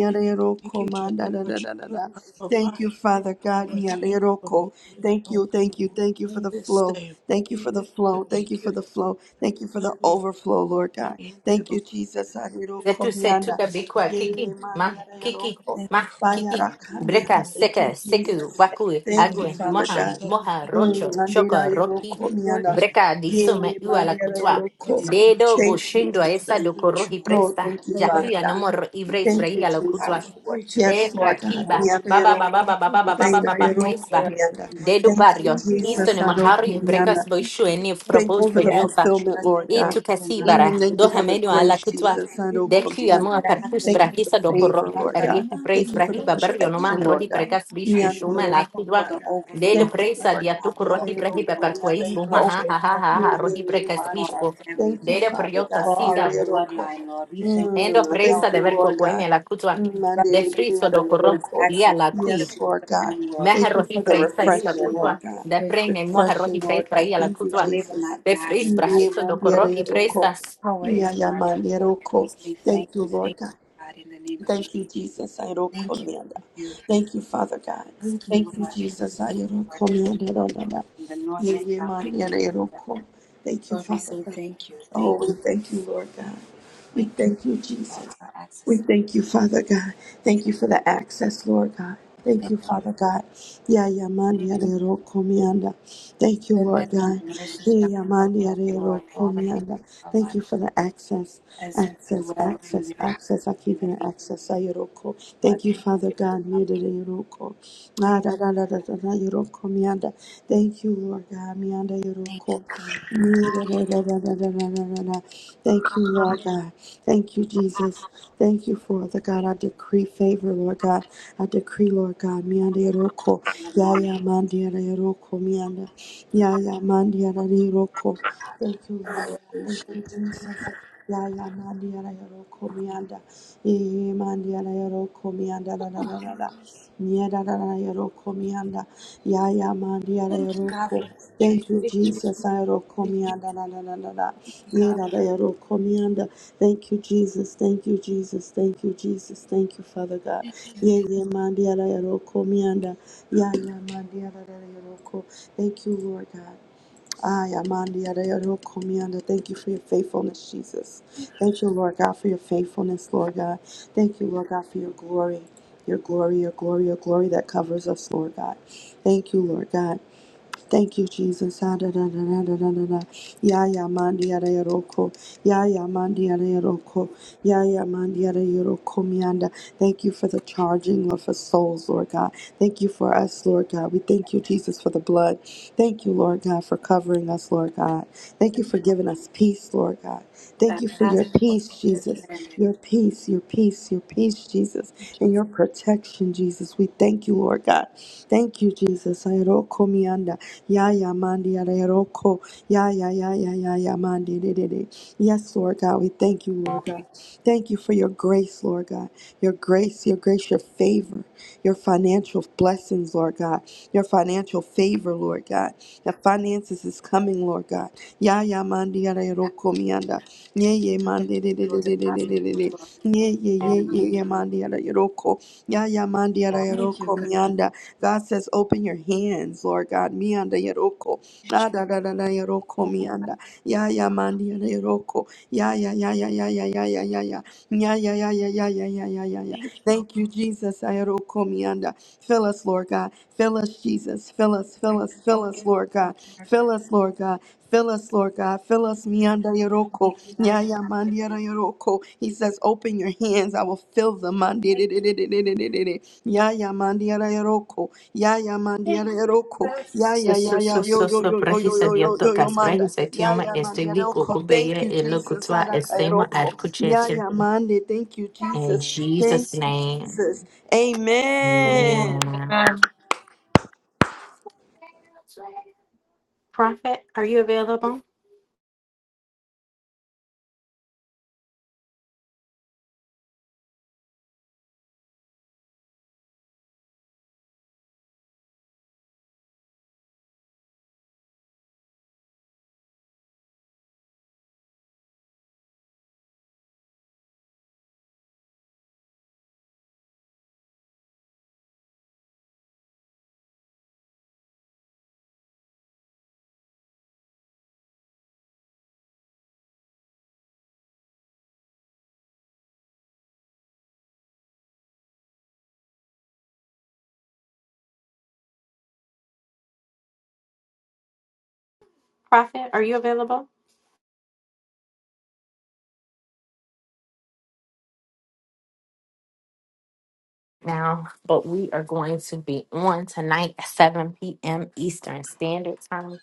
[SPEAKER 3] Thank
[SPEAKER 2] roko
[SPEAKER 3] you,
[SPEAKER 2] manda da
[SPEAKER 3] Jehovah,
[SPEAKER 2] da da da
[SPEAKER 3] Jehovah,
[SPEAKER 2] da.
[SPEAKER 3] our
[SPEAKER 2] Thank you,
[SPEAKER 3] provider.
[SPEAKER 2] Father God.
[SPEAKER 3] Lord,
[SPEAKER 2] mianda
[SPEAKER 3] thank you for
[SPEAKER 2] roko.
[SPEAKER 3] moving
[SPEAKER 2] Thank
[SPEAKER 3] on
[SPEAKER 2] you, thank you, thank you for
[SPEAKER 3] on
[SPEAKER 2] the
[SPEAKER 3] this
[SPEAKER 2] flow.
[SPEAKER 3] day.
[SPEAKER 2] Thank you for the flow.
[SPEAKER 3] Thank
[SPEAKER 2] Thank you for
[SPEAKER 3] you,
[SPEAKER 2] the flow. Thank you for
[SPEAKER 3] Lord.
[SPEAKER 2] the
[SPEAKER 3] Hallelujah.
[SPEAKER 2] overflow, Lord God.
[SPEAKER 3] Thank you,
[SPEAKER 2] Thank you,
[SPEAKER 3] Lord.
[SPEAKER 2] Jesus.
[SPEAKER 1] Zetu setu
[SPEAKER 2] Arirokomiana.
[SPEAKER 3] Thank
[SPEAKER 1] kabikwa
[SPEAKER 3] you,
[SPEAKER 1] kiki ma kiki
[SPEAKER 2] Yeyemandiarayaroko.
[SPEAKER 4] Thank
[SPEAKER 1] ma
[SPEAKER 4] you for
[SPEAKER 3] Lord.
[SPEAKER 4] that.
[SPEAKER 1] kiki
[SPEAKER 3] God,
[SPEAKER 4] Yeah.
[SPEAKER 2] Bayarakameana.
[SPEAKER 1] breka
[SPEAKER 2] Thank you,
[SPEAKER 1] seka
[SPEAKER 3] overflow.
[SPEAKER 1] seku
[SPEAKER 2] Jesus.
[SPEAKER 4] Thank
[SPEAKER 1] waku
[SPEAKER 3] In
[SPEAKER 4] you
[SPEAKER 3] the
[SPEAKER 2] Thank you,
[SPEAKER 1] agwe
[SPEAKER 4] for
[SPEAKER 3] name
[SPEAKER 4] your
[SPEAKER 3] of
[SPEAKER 2] Father
[SPEAKER 4] name.
[SPEAKER 1] moha
[SPEAKER 2] God.
[SPEAKER 3] Jesus,
[SPEAKER 1] moha
[SPEAKER 3] thank you,
[SPEAKER 2] Mm,
[SPEAKER 1] rocho
[SPEAKER 3] Lord.
[SPEAKER 1] shoko roki
[SPEAKER 4] Lord,
[SPEAKER 2] andirayarokomiana.
[SPEAKER 4] just
[SPEAKER 1] breka
[SPEAKER 3] Thank you,
[SPEAKER 1] disume
[SPEAKER 3] Lord.
[SPEAKER 1] iwa la kutwa
[SPEAKER 3] for
[SPEAKER 2] Yeyemandiarayaroko.
[SPEAKER 4] thank you
[SPEAKER 3] Blessing each
[SPEAKER 1] dedo
[SPEAKER 3] and every
[SPEAKER 2] Thank
[SPEAKER 4] for
[SPEAKER 2] you,
[SPEAKER 4] your
[SPEAKER 1] boshindwa
[SPEAKER 3] person I
[SPEAKER 1] esa
[SPEAKER 2] Jesus.
[SPEAKER 3] preach you.
[SPEAKER 1] dokorohi
[SPEAKER 4] love.
[SPEAKER 2] Oh,
[SPEAKER 1] presta
[SPEAKER 2] thank you,
[SPEAKER 4] So, Lord,
[SPEAKER 3] Thank
[SPEAKER 2] Father
[SPEAKER 1] jakuya
[SPEAKER 2] God.
[SPEAKER 3] you, Lord.
[SPEAKER 1] nomoro
[SPEAKER 4] we
[SPEAKER 1] ibres
[SPEAKER 2] Thank
[SPEAKER 3] Hallelujah.
[SPEAKER 2] you,
[SPEAKER 1] braia la
[SPEAKER 4] ask for
[SPEAKER 2] Jesus.
[SPEAKER 3] I
[SPEAKER 4] what
[SPEAKER 3] preach you.
[SPEAKER 4] you
[SPEAKER 2] Yes,
[SPEAKER 3] Thank
[SPEAKER 2] Lord
[SPEAKER 3] you,
[SPEAKER 2] God.
[SPEAKER 4] have
[SPEAKER 1] Ekrakiba,
[SPEAKER 3] Lord.
[SPEAKER 4] done for
[SPEAKER 1] Baba
[SPEAKER 4] us
[SPEAKER 1] Baba
[SPEAKER 3] I
[SPEAKER 2] Miandarayaroko.
[SPEAKER 1] Baba
[SPEAKER 3] thank you
[SPEAKER 1] Baba
[SPEAKER 4] and
[SPEAKER 3] for
[SPEAKER 1] Baba Baba
[SPEAKER 3] opening doors.
[SPEAKER 4] for
[SPEAKER 1] Cuesba,
[SPEAKER 4] us and what
[SPEAKER 1] Dedu
[SPEAKER 4] you
[SPEAKER 2] Thank
[SPEAKER 4] have done
[SPEAKER 2] you,
[SPEAKER 3] Thank
[SPEAKER 1] Barrio,
[SPEAKER 3] you,
[SPEAKER 4] for
[SPEAKER 3] Lord.
[SPEAKER 1] Easton
[SPEAKER 2] Jesus. Aroko
[SPEAKER 3] Open
[SPEAKER 1] Mahari,
[SPEAKER 4] us.
[SPEAKER 3] heaven
[SPEAKER 2] miana.
[SPEAKER 1] Brecas
[SPEAKER 3] for each
[SPEAKER 1] Boishu,
[SPEAKER 3] and every
[SPEAKER 1] and if
[SPEAKER 3] one of
[SPEAKER 2] Thank
[SPEAKER 3] us.
[SPEAKER 2] you
[SPEAKER 4] Lord,
[SPEAKER 1] proposed
[SPEAKER 2] for
[SPEAKER 4] we
[SPEAKER 2] the
[SPEAKER 4] ask that you
[SPEAKER 3] Thank you,
[SPEAKER 2] fulfillment,
[SPEAKER 4] bless us
[SPEAKER 2] Lord
[SPEAKER 1] E
[SPEAKER 4] so we
[SPEAKER 2] God.
[SPEAKER 1] tu
[SPEAKER 4] can in
[SPEAKER 3] Lord.
[SPEAKER 4] our
[SPEAKER 3] Lord, you
[SPEAKER 1] Casibara,
[SPEAKER 2] Mm,
[SPEAKER 4] country.
[SPEAKER 2] thank you
[SPEAKER 3] said,
[SPEAKER 4] No,
[SPEAKER 2] for the
[SPEAKER 1] Dohamedio
[SPEAKER 3] I
[SPEAKER 1] alla
[SPEAKER 3] said,
[SPEAKER 2] grace,
[SPEAKER 1] Cutua,
[SPEAKER 3] you
[SPEAKER 2] Jesus. I
[SPEAKER 3] give
[SPEAKER 2] know
[SPEAKER 1] De
[SPEAKER 3] your
[SPEAKER 4] you
[SPEAKER 2] command.
[SPEAKER 1] Cuamua
[SPEAKER 4] said
[SPEAKER 1] Percus
[SPEAKER 4] after we
[SPEAKER 2] Thank
[SPEAKER 3] sister,
[SPEAKER 2] you for
[SPEAKER 4] shall
[SPEAKER 2] the
[SPEAKER 1] Brahisa do
[SPEAKER 2] favor,
[SPEAKER 1] Porro,
[SPEAKER 3] You
[SPEAKER 4] walk
[SPEAKER 2] Lord
[SPEAKER 4] on
[SPEAKER 3] said
[SPEAKER 4] it.
[SPEAKER 2] God.
[SPEAKER 1] Rieti
[SPEAKER 3] nothing
[SPEAKER 2] Thank
[SPEAKER 1] Praise
[SPEAKER 2] you
[SPEAKER 3] that
[SPEAKER 2] for the
[SPEAKER 3] those
[SPEAKER 1] Brahiba Barrio
[SPEAKER 3] children
[SPEAKER 1] Noma,
[SPEAKER 2] protection,
[SPEAKER 3] have
[SPEAKER 2] Lord
[SPEAKER 1] Rohi
[SPEAKER 3] to
[SPEAKER 2] God.
[SPEAKER 3] work
[SPEAKER 1] Precas
[SPEAKER 3] on.
[SPEAKER 1] Bish
[SPEAKER 3] the Lord. I
[SPEAKER 2] Mianda
[SPEAKER 4] We
[SPEAKER 3] pray
[SPEAKER 1] Pushuma
[SPEAKER 2] yoro
[SPEAKER 1] la
[SPEAKER 4] thank you for
[SPEAKER 1] Cutua,
[SPEAKER 4] the
[SPEAKER 2] komianda.
[SPEAKER 3] for
[SPEAKER 1] Dedo
[SPEAKER 2] Thank
[SPEAKER 4] overflow.
[SPEAKER 3] my
[SPEAKER 4] We
[SPEAKER 2] you,
[SPEAKER 4] thank
[SPEAKER 1] Presa
[SPEAKER 4] you
[SPEAKER 2] Lord
[SPEAKER 3] blessing.
[SPEAKER 2] God.
[SPEAKER 1] Diatuku
[SPEAKER 4] for
[SPEAKER 2] Mianda
[SPEAKER 1] Rohi
[SPEAKER 4] the
[SPEAKER 2] yoro
[SPEAKER 4] open
[SPEAKER 1] Brahiba
[SPEAKER 4] doors.
[SPEAKER 2] komianda
[SPEAKER 1] Perquais,
[SPEAKER 3] Thank
[SPEAKER 4] The
[SPEAKER 3] you,
[SPEAKER 1] Buma
[SPEAKER 2] yoro ko.
[SPEAKER 1] ha
[SPEAKER 4] open
[SPEAKER 1] ha ha
[SPEAKER 4] doors,
[SPEAKER 1] ha, ha,
[SPEAKER 2] Ye-
[SPEAKER 3] Jesus.
[SPEAKER 1] Rohi
[SPEAKER 2] ye- ye
[SPEAKER 1] Precas
[SPEAKER 4] Lord, for
[SPEAKER 2] manda.
[SPEAKER 4] our
[SPEAKER 1] Bishpo,
[SPEAKER 4] families,
[SPEAKER 2] Thank you,
[SPEAKER 1] Dedo
[SPEAKER 2] Father
[SPEAKER 1] Priota
[SPEAKER 2] God.
[SPEAKER 4] for
[SPEAKER 2] Mianda
[SPEAKER 4] our
[SPEAKER 1] sigan.
[SPEAKER 2] yoro ko.
[SPEAKER 4] bloodline, Lord. We thank you
[SPEAKER 1] Endo
[SPEAKER 2] Mm,
[SPEAKER 4] for
[SPEAKER 1] presa
[SPEAKER 2] Thank
[SPEAKER 4] health.
[SPEAKER 1] de
[SPEAKER 2] you,
[SPEAKER 1] ver
[SPEAKER 4] and
[SPEAKER 2] Lord
[SPEAKER 1] kokoime
[SPEAKER 2] God.
[SPEAKER 1] la kutwa
[SPEAKER 2] Mm,
[SPEAKER 4] God,
[SPEAKER 2] manda
[SPEAKER 1] de
[SPEAKER 4] thank
[SPEAKER 1] friso
[SPEAKER 2] yoro
[SPEAKER 4] you for
[SPEAKER 1] do
[SPEAKER 4] granting
[SPEAKER 2] yoro
[SPEAKER 1] koro
[SPEAKER 4] us
[SPEAKER 2] ko.
[SPEAKER 1] ia
[SPEAKER 4] access,
[SPEAKER 1] la
[SPEAKER 4] access
[SPEAKER 1] kui
[SPEAKER 2] Yes,
[SPEAKER 4] into
[SPEAKER 2] Lord
[SPEAKER 4] the
[SPEAKER 2] God.
[SPEAKER 4] realm, Lord,
[SPEAKER 2] Thank you
[SPEAKER 1] mehero hi
[SPEAKER 2] for the
[SPEAKER 4] the
[SPEAKER 1] presa
[SPEAKER 4] Holy
[SPEAKER 1] i la
[SPEAKER 4] Spirit,
[SPEAKER 2] refreshing,
[SPEAKER 4] Lord.
[SPEAKER 2] Lord
[SPEAKER 1] kutwa
[SPEAKER 2] God
[SPEAKER 1] de
[SPEAKER 4] Because you
[SPEAKER 1] prene
[SPEAKER 4] said,
[SPEAKER 1] mohero hi
[SPEAKER 2] refreshing, Lord
[SPEAKER 1] presa
[SPEAKER 2] God.
[SPEAKER 1] ia la
[SPEAKER 2] Thank
[SPEAKER 4] we
[SPEAKER 2] you,
[SPEAKER 4] shall
[SPEAKER 1] kutwa
[SPEAKER 4] live and
[SPEAKER 2] Jesus.
[SPEAKER 4] not
[SPEAKER 1] de
[SPEAKER 4] die, and
[SPEAKER 1] fris
[SPEAKER 4] that
[SPEAKER 1] prahito
[SPEAKER 2] Thank
[SPEAKER 1] do koro hi presa so
[SPEAKER 4] power is in our Lord. We say thank
[SPEAKER 2] you,
[SPEAKER 4] you, thank
[SPEAKER 2] Lord God.
[SPEAKER 4] you, God, in the name of Jesus.
[SPEAKER 2] Thank you, Jesus. I don't
[SPEAKER 4] Thank you,
[SPEAKER 2] command.
[SPEAKER 4] thank you,
[SPEAKER 2] Thank you, Father God.
[SPEAKER 4] thank you,
[SPEAKER 2] Thank you,
[SPEAKER 4] Lord. Thank
[SPEAKER 2] Jesus. I
[SPEAKER 4] you
[SPEAKER 2] don't
[SPEAKER 4] for this
[SPEAKER 2] command.
[SPEAKER 4] help from the north,
[SPEAKER 2] Yeah,
[SPEAKER 4] the
[SPEAKER 2] yeah,
[SPEAKER 4] south, the
[SPEAKER 2] man, yeah,
[SPEAKER 4] east,
[SPEAKER 2] I
[SPEAKER 4] and
[SPEAKER 2] don't
[SPEAKER 4] west.
[SPEAKER 2] com- Thank you,
[SPEAKER 4] Lord, we
[SPEAKER 2] Father
[SPEAKER 4] say
[SPEAKER 2] God.
[SPEAKER 4] thank you,
[SPEAKER 2] Oh,
[SPEAKER 4] thank you,
[SPEAKER 2] we thank you, Lord God. We
[SPEAKER 4] thank you,
[SPEAKER 2] thank you,
[SPEAKER 4] Lord,
[SPEAKER 2] Jesus.
[SPEAKER 4] for
[SPEAKER 2] We
[SPEAKER 4] access.
[SPEAKER 2] thank you, Father God.
[SPEAKER 4] We say
[SPEAKER 2] Thank you for the access, Lord God. Thank
[SPEAKER 4] thank
[SPEAKER 2] you,
[SPEAKER 4] you,
[SPEAKER 2] Father God. Yeah, yeah, man,
[SPEAKER 4] thank
[SPEAKER 2] yeah,
[SPEAKER 4] you.
[SPEAKER 2] they don't come here, uh, Thank you,
[SPEAKER 4] Goodness
[SPEAKER 2] Lord
[SPEAKER 4] and
[SPEAKER 2] God.
[SPEAKER 4] mercy
[SPEAKER 2] Yeah,
[SPEAKER 4] shall
[SPEAKER 2] yeah,
[SPEAKER 4] follow
[SPEAKER 2] man, yeah,
[SPEAKER 4] us,
[SPEAKER 2] they
[SPEAKER 4] Lord,
[SPEAKER 2] don't
[SPEAKER 4] all
[SPEAKER 2] come
[SPEAKER 4] the
[SPEAKER 2] here,
[SPEAKER 4] days
[SPEAKER 2] uh,
[SPEAKER 4] of our life.
[SPEAKER 2] Thank you for the access.
[SPEAKER 4] as we
[SPEAKER 2] Access,
[SPEAKER 4] dwell in
[SPEAKER 2] access,
[SPEAKER 4] your house
[SPEAKER 2] access. I
[SPEAKER 4] in
[SPEAKER 2] keep
[SPEAKER 4] the
[SPEAKER 2] hearing
[SPEAKER 4] name
[SPEAKER 2] access. Ayuroko.
[SPEAKER 4] of God.
[SPEAKER 2] Thank you, Father God. Miyadarayuroko. Ah, da, da, da, da, da, da, yoroko, miyanda. Thank you, Lord God. Miyanda
[SPEAKER 4] Thank
[SPEAKER 2] yoroko.
[SPEAKER 4] you,
[SPEAKER 2] Miyadarayda, da, da, da, da, da, da, da. Thank you, Lord God. Thank you, Jesus. Thank you, Father God. I decree favor, Lord God. I decree, Lord God. Miyanda yoroko.
[SPEAKER 4] for the
[SPEAKER 2] Ya,
[SPEAKER 4] Lord.
[SPEAKER 2] ya, mandiyadarayuroko, miyanda. Ya, ya, mandiyadarayuroko. Thank you, Lord.
[SPEAKER 4] I
[SPEAKER 2] Thank
[SPEAKER 4] appreciate
[SPEAKER 2] you,
[SPEAKER 4] you.
[SPEAKER 2] Jesus. La la mandia la yoro komianda, e mandia la yoro komianda la la
[SPEAKER 4] Oh,
[SPEAKER 2] la la la, niada la la yoro komianda, ya ya mandia la
[SPEAKER 4] Thank you,
[SPEAKER 2] yoro
[SPEAKER 4] God,
[SPEAKER 2] ko.
[SPEAKER 4] for victory,
[SPEAKER 2] Thank you,
[SPEAKER 4] victory,
[SPEAKER 2] Jesus. La yoro
[SPEAKER 4] victory.
[SPEAKER 2] komianda la la la la la,
[SPEAKER 4] Thank you, God.
[SPEAKER 2] niada la yoro komianda. Thank you, Jesus. Thank you, Jesus. Thank you, Jesus. Thank you, Father God.
[SPEAKER 4] Thank you,
[SPEAKER 2] Ye
[SPEAKER 4] thank
[SPEAKER 2] ye mandia la yoro komianda, ya ya mandia la la la yoro ko. Thank you, Lord God. Ay, Amandi, Adayado, Komianda. Thank you for your faithfulness, Jesus. Thank you, Lord God, for your faithfulness, Lord God. Thank you, Lord God, for your glory, your glory, your glory, your glory that covers us, Lord God. Thank you, Lord God. Thank you, Jesus. Ah, da, da, da, da, da, da, da, da. Ya ya mandi ara yoroko. Ya ya mandi ara yoroko. Ya ya mandi ara yoroko mianda. Thank you for the charging of our souls, Lord God. Thank you for us, Lord God. We thank you, Jesus, for the blood. Thank you, Lord God, for covering us, Lord God. Thank
[SPEAKER 4] you,
[SPEAKER 2] you for
[SPEAKER 4] God,
[SPEAKER 2] giving us peace, Lord God. Thank
[SPEAKER 4] that
[SPEAKER 2] you for your
[SPEAKER 4] passes all
[SPEAKER 2] peace, Jesus.
[SPEAKER 4] understanding.
[SPEAKER 2] Your peace, your peace, your peace,
[SPEAKER 4] Thank
[SPEAKER 2] Jesus,
[SPEAKER 4] you,
[SPEAKER 2] and
[SPEAKER 4] Jesus,
[SPEAKER 2] your protection, Jesus. We thank you, Lord God. Thank you, Jesus. Ayaroko mianda. Ya ya mandi ya re roko. Ya ya ya ya ya ya mandi de de de. Yes, Lord God, we thank you, Lord God. Thank you for your grace, Lord God. Your grace, your grace, your favor, your financial blessings, Lord God. Your financial favor, Lord God. Your finances is coming, Lord God. Ya ya mandi ya re
[SPEAKER 4] that
[SPEAKER 2] roko mianda.
[SPEAKER 4] brings
[SPEAKER 2] Ye ye mandi de de
[SPEAKER 4] supernatural
[SPEAKER 2] de de de de
[SPEAKER 4] deposits
[SPEAKER 2] de de.
[SPEAKER 4] into
[SPEAKER 2] de.
[SPEAKER 4] our
[SPEAKER 2] Ye ye ye
[SPEAKER 4] mind and
[SPEAKER 2] ye ye
[SPEAKER 4] mind.
[SPEAKER 2] mandi ya re roko. Ya ya mandi ya re
[SPEAKER 4] Thank you,
[SPEAKER 2] roko
[SPEAKER 4] God.
[SPEAKER 2] mianda. God says, open your hands, Lord God. Mianda Yeroko.
[SPEAKER 4] Thank you,
[SPEAKER 2] Ah, da da da da Yeroko
[SPEAKER 4] Jesus.
[SPEAKER 2] Mianda. Ya ya mandi yanda Yeroko. Ya ya ya ya ya ya ya ya ya ya. Ya ya ya ya ya ya ya ya ya ya.
[SPEAKER 4] Thank you, Lord.
[SPEAKER 2] Thank you, Jesus. Ayaroko Mianda. Fill us, Lord God. Fill us, Jesus. Fill us, fill us,
[SPEAKER 4] Oh,
[SPEAKER 2] fill
[SPEAKER 4] Lord,
[SPEAKER 2] us, Lord
[SPEAKER 4] Lord,
[SPEAKER 2] God. Fill us, Lord God. Fill us, Lord God. Fill us,
[SPEAKER 4] Thank you for
[SPEAKER 2] Mianda
[SPEAKER 4] letting us see
[SPEAKER 2] Yoroko.
[SPEAKER 4] the light of
[SPEAKER 2] Yaya
[SPEAKER 4] my
[SPEAKER 2] Mandiara
[SPEAKER 4] hill.
[SPEAKER 2] Yoroko. He
[SPEAKER 4] We
[SPEAKER 2] says, Open your hands. I will fill them.
[SPEAKER 4] thank you.
[SPEAKER 2] Mandi-di-di-di-di-di-di-di-di. Ya ya mandiara yoroko, ya ya mandiara
[SPEAKER 4] Amen.
[SPEAKER 2] yoroko, ya ya
[SPEAKER 1] so
[SPEAKER 2] ya ya
[SPEAKER 1] so
[SPEAKER 2] yo
[SPEAKER 1] so
[SPEAKER 2] yo
[SPEAKER 1] so
[SPEAKER 2] yo yo yo
[SPEAKER 1] prahisa
[SPEAKER 2] yo yo
[SPEAKER 1] diopto
[SPEAKER 2] yo yo
[SPEAKER 1] kas
[SPEAKER 2] manda,
[SPEAKER 1] prahisa
[SPEAKER 2] ya
[SPEAKER 1] tioma
[SPEAKER 2] ya
[SPEAKER 1] este
[SPEAKER 2] mandiara
[SPEAKER 1] wiko
[SPEAKER 2] yoroko. Thank
[SPEAKER 1] kubeire
[SPEAKER 2] you
[SPEAKER 1] e lo
[SPEAKER 2] Jesus,
[SPEAKER 1] kutwa
[SPEAKER 2] adaka
[SPEAKER 1] estema
[SPEAKER 2] yoroko, ya
[SPEAKER 1] arkucheche
[SPEAKER 2] ya mande. Thank you
[SPEAKER 1] in
[SPEAKER 2] Jesus, thank
[SPEAKER 1] Jesus
[SPEAKER 2] you
[SPEAKER 1] name
[SPEAKER 2] Jesus. Amen.
[SPEAKER 1] amen prophet are you available prophet are you available now, but we are going to be on tonight at 7 p.m. Eastern Standard Time.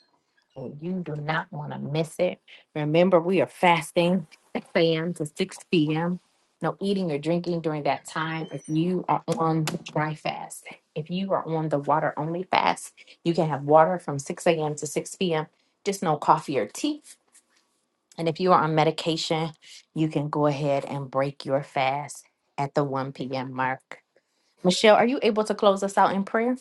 [SPEAKER 1] And you do not want to miss it. Remember, we are fasting 6 a.m. to 6 p.m. No eating or drinking during that time. If you are on the dry fast, if you are on the water only fast, you can have water from 6 a.m. to 6 p.m., just no coffee or tea. And if you are on medication, you can go ahead and break your fast at the 1 p.m. mark. Michelle, are you able to close us out in prayer?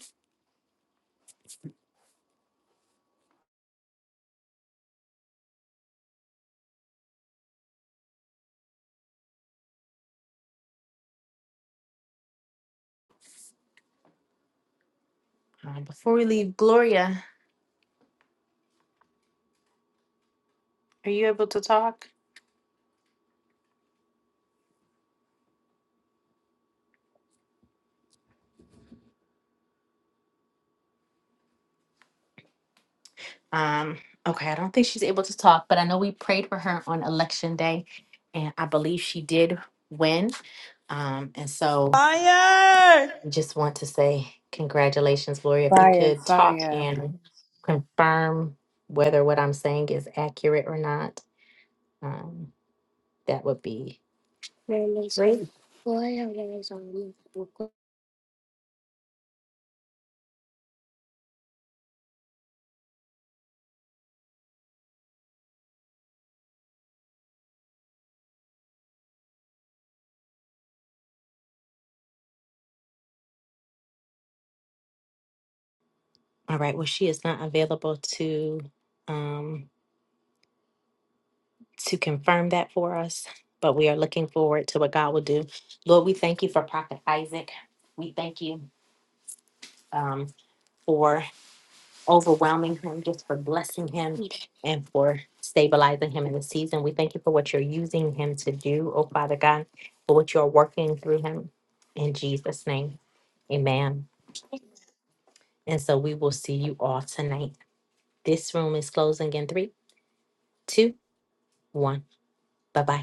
[SPEAKER 1] Um, before we leave, Gloria, are you able to talk? Um, okay, I don't think she's able to talk, but I know we prayed for her on election day, and I believe she did win. Um, and so
[SPEAKER 2] Fire.
[SPEAKER 1] I just want to say congratulations, Gloria. If you
[SPEAKER 4] Fire,
[SPEAKER 1] could talk
[SPEAKER 4] fire.
[SPEAKER 1] and confirm whether what I'm saying is accurate or not, um, that would be All right. Well, she is not available to um, to confirm that for us, but we are looking forward to what God will do. Lord, we thank you for Prophet Isaac. We thank you um, for overwhelming him, just for blessing him, and for stabilizing him in the season. We thank you for what you're using him to do, oh Father God, for what you're working through him. In Jesus' name, Amen. And so we will see you all tonight. This room is closing in three, two, one. Bye bye.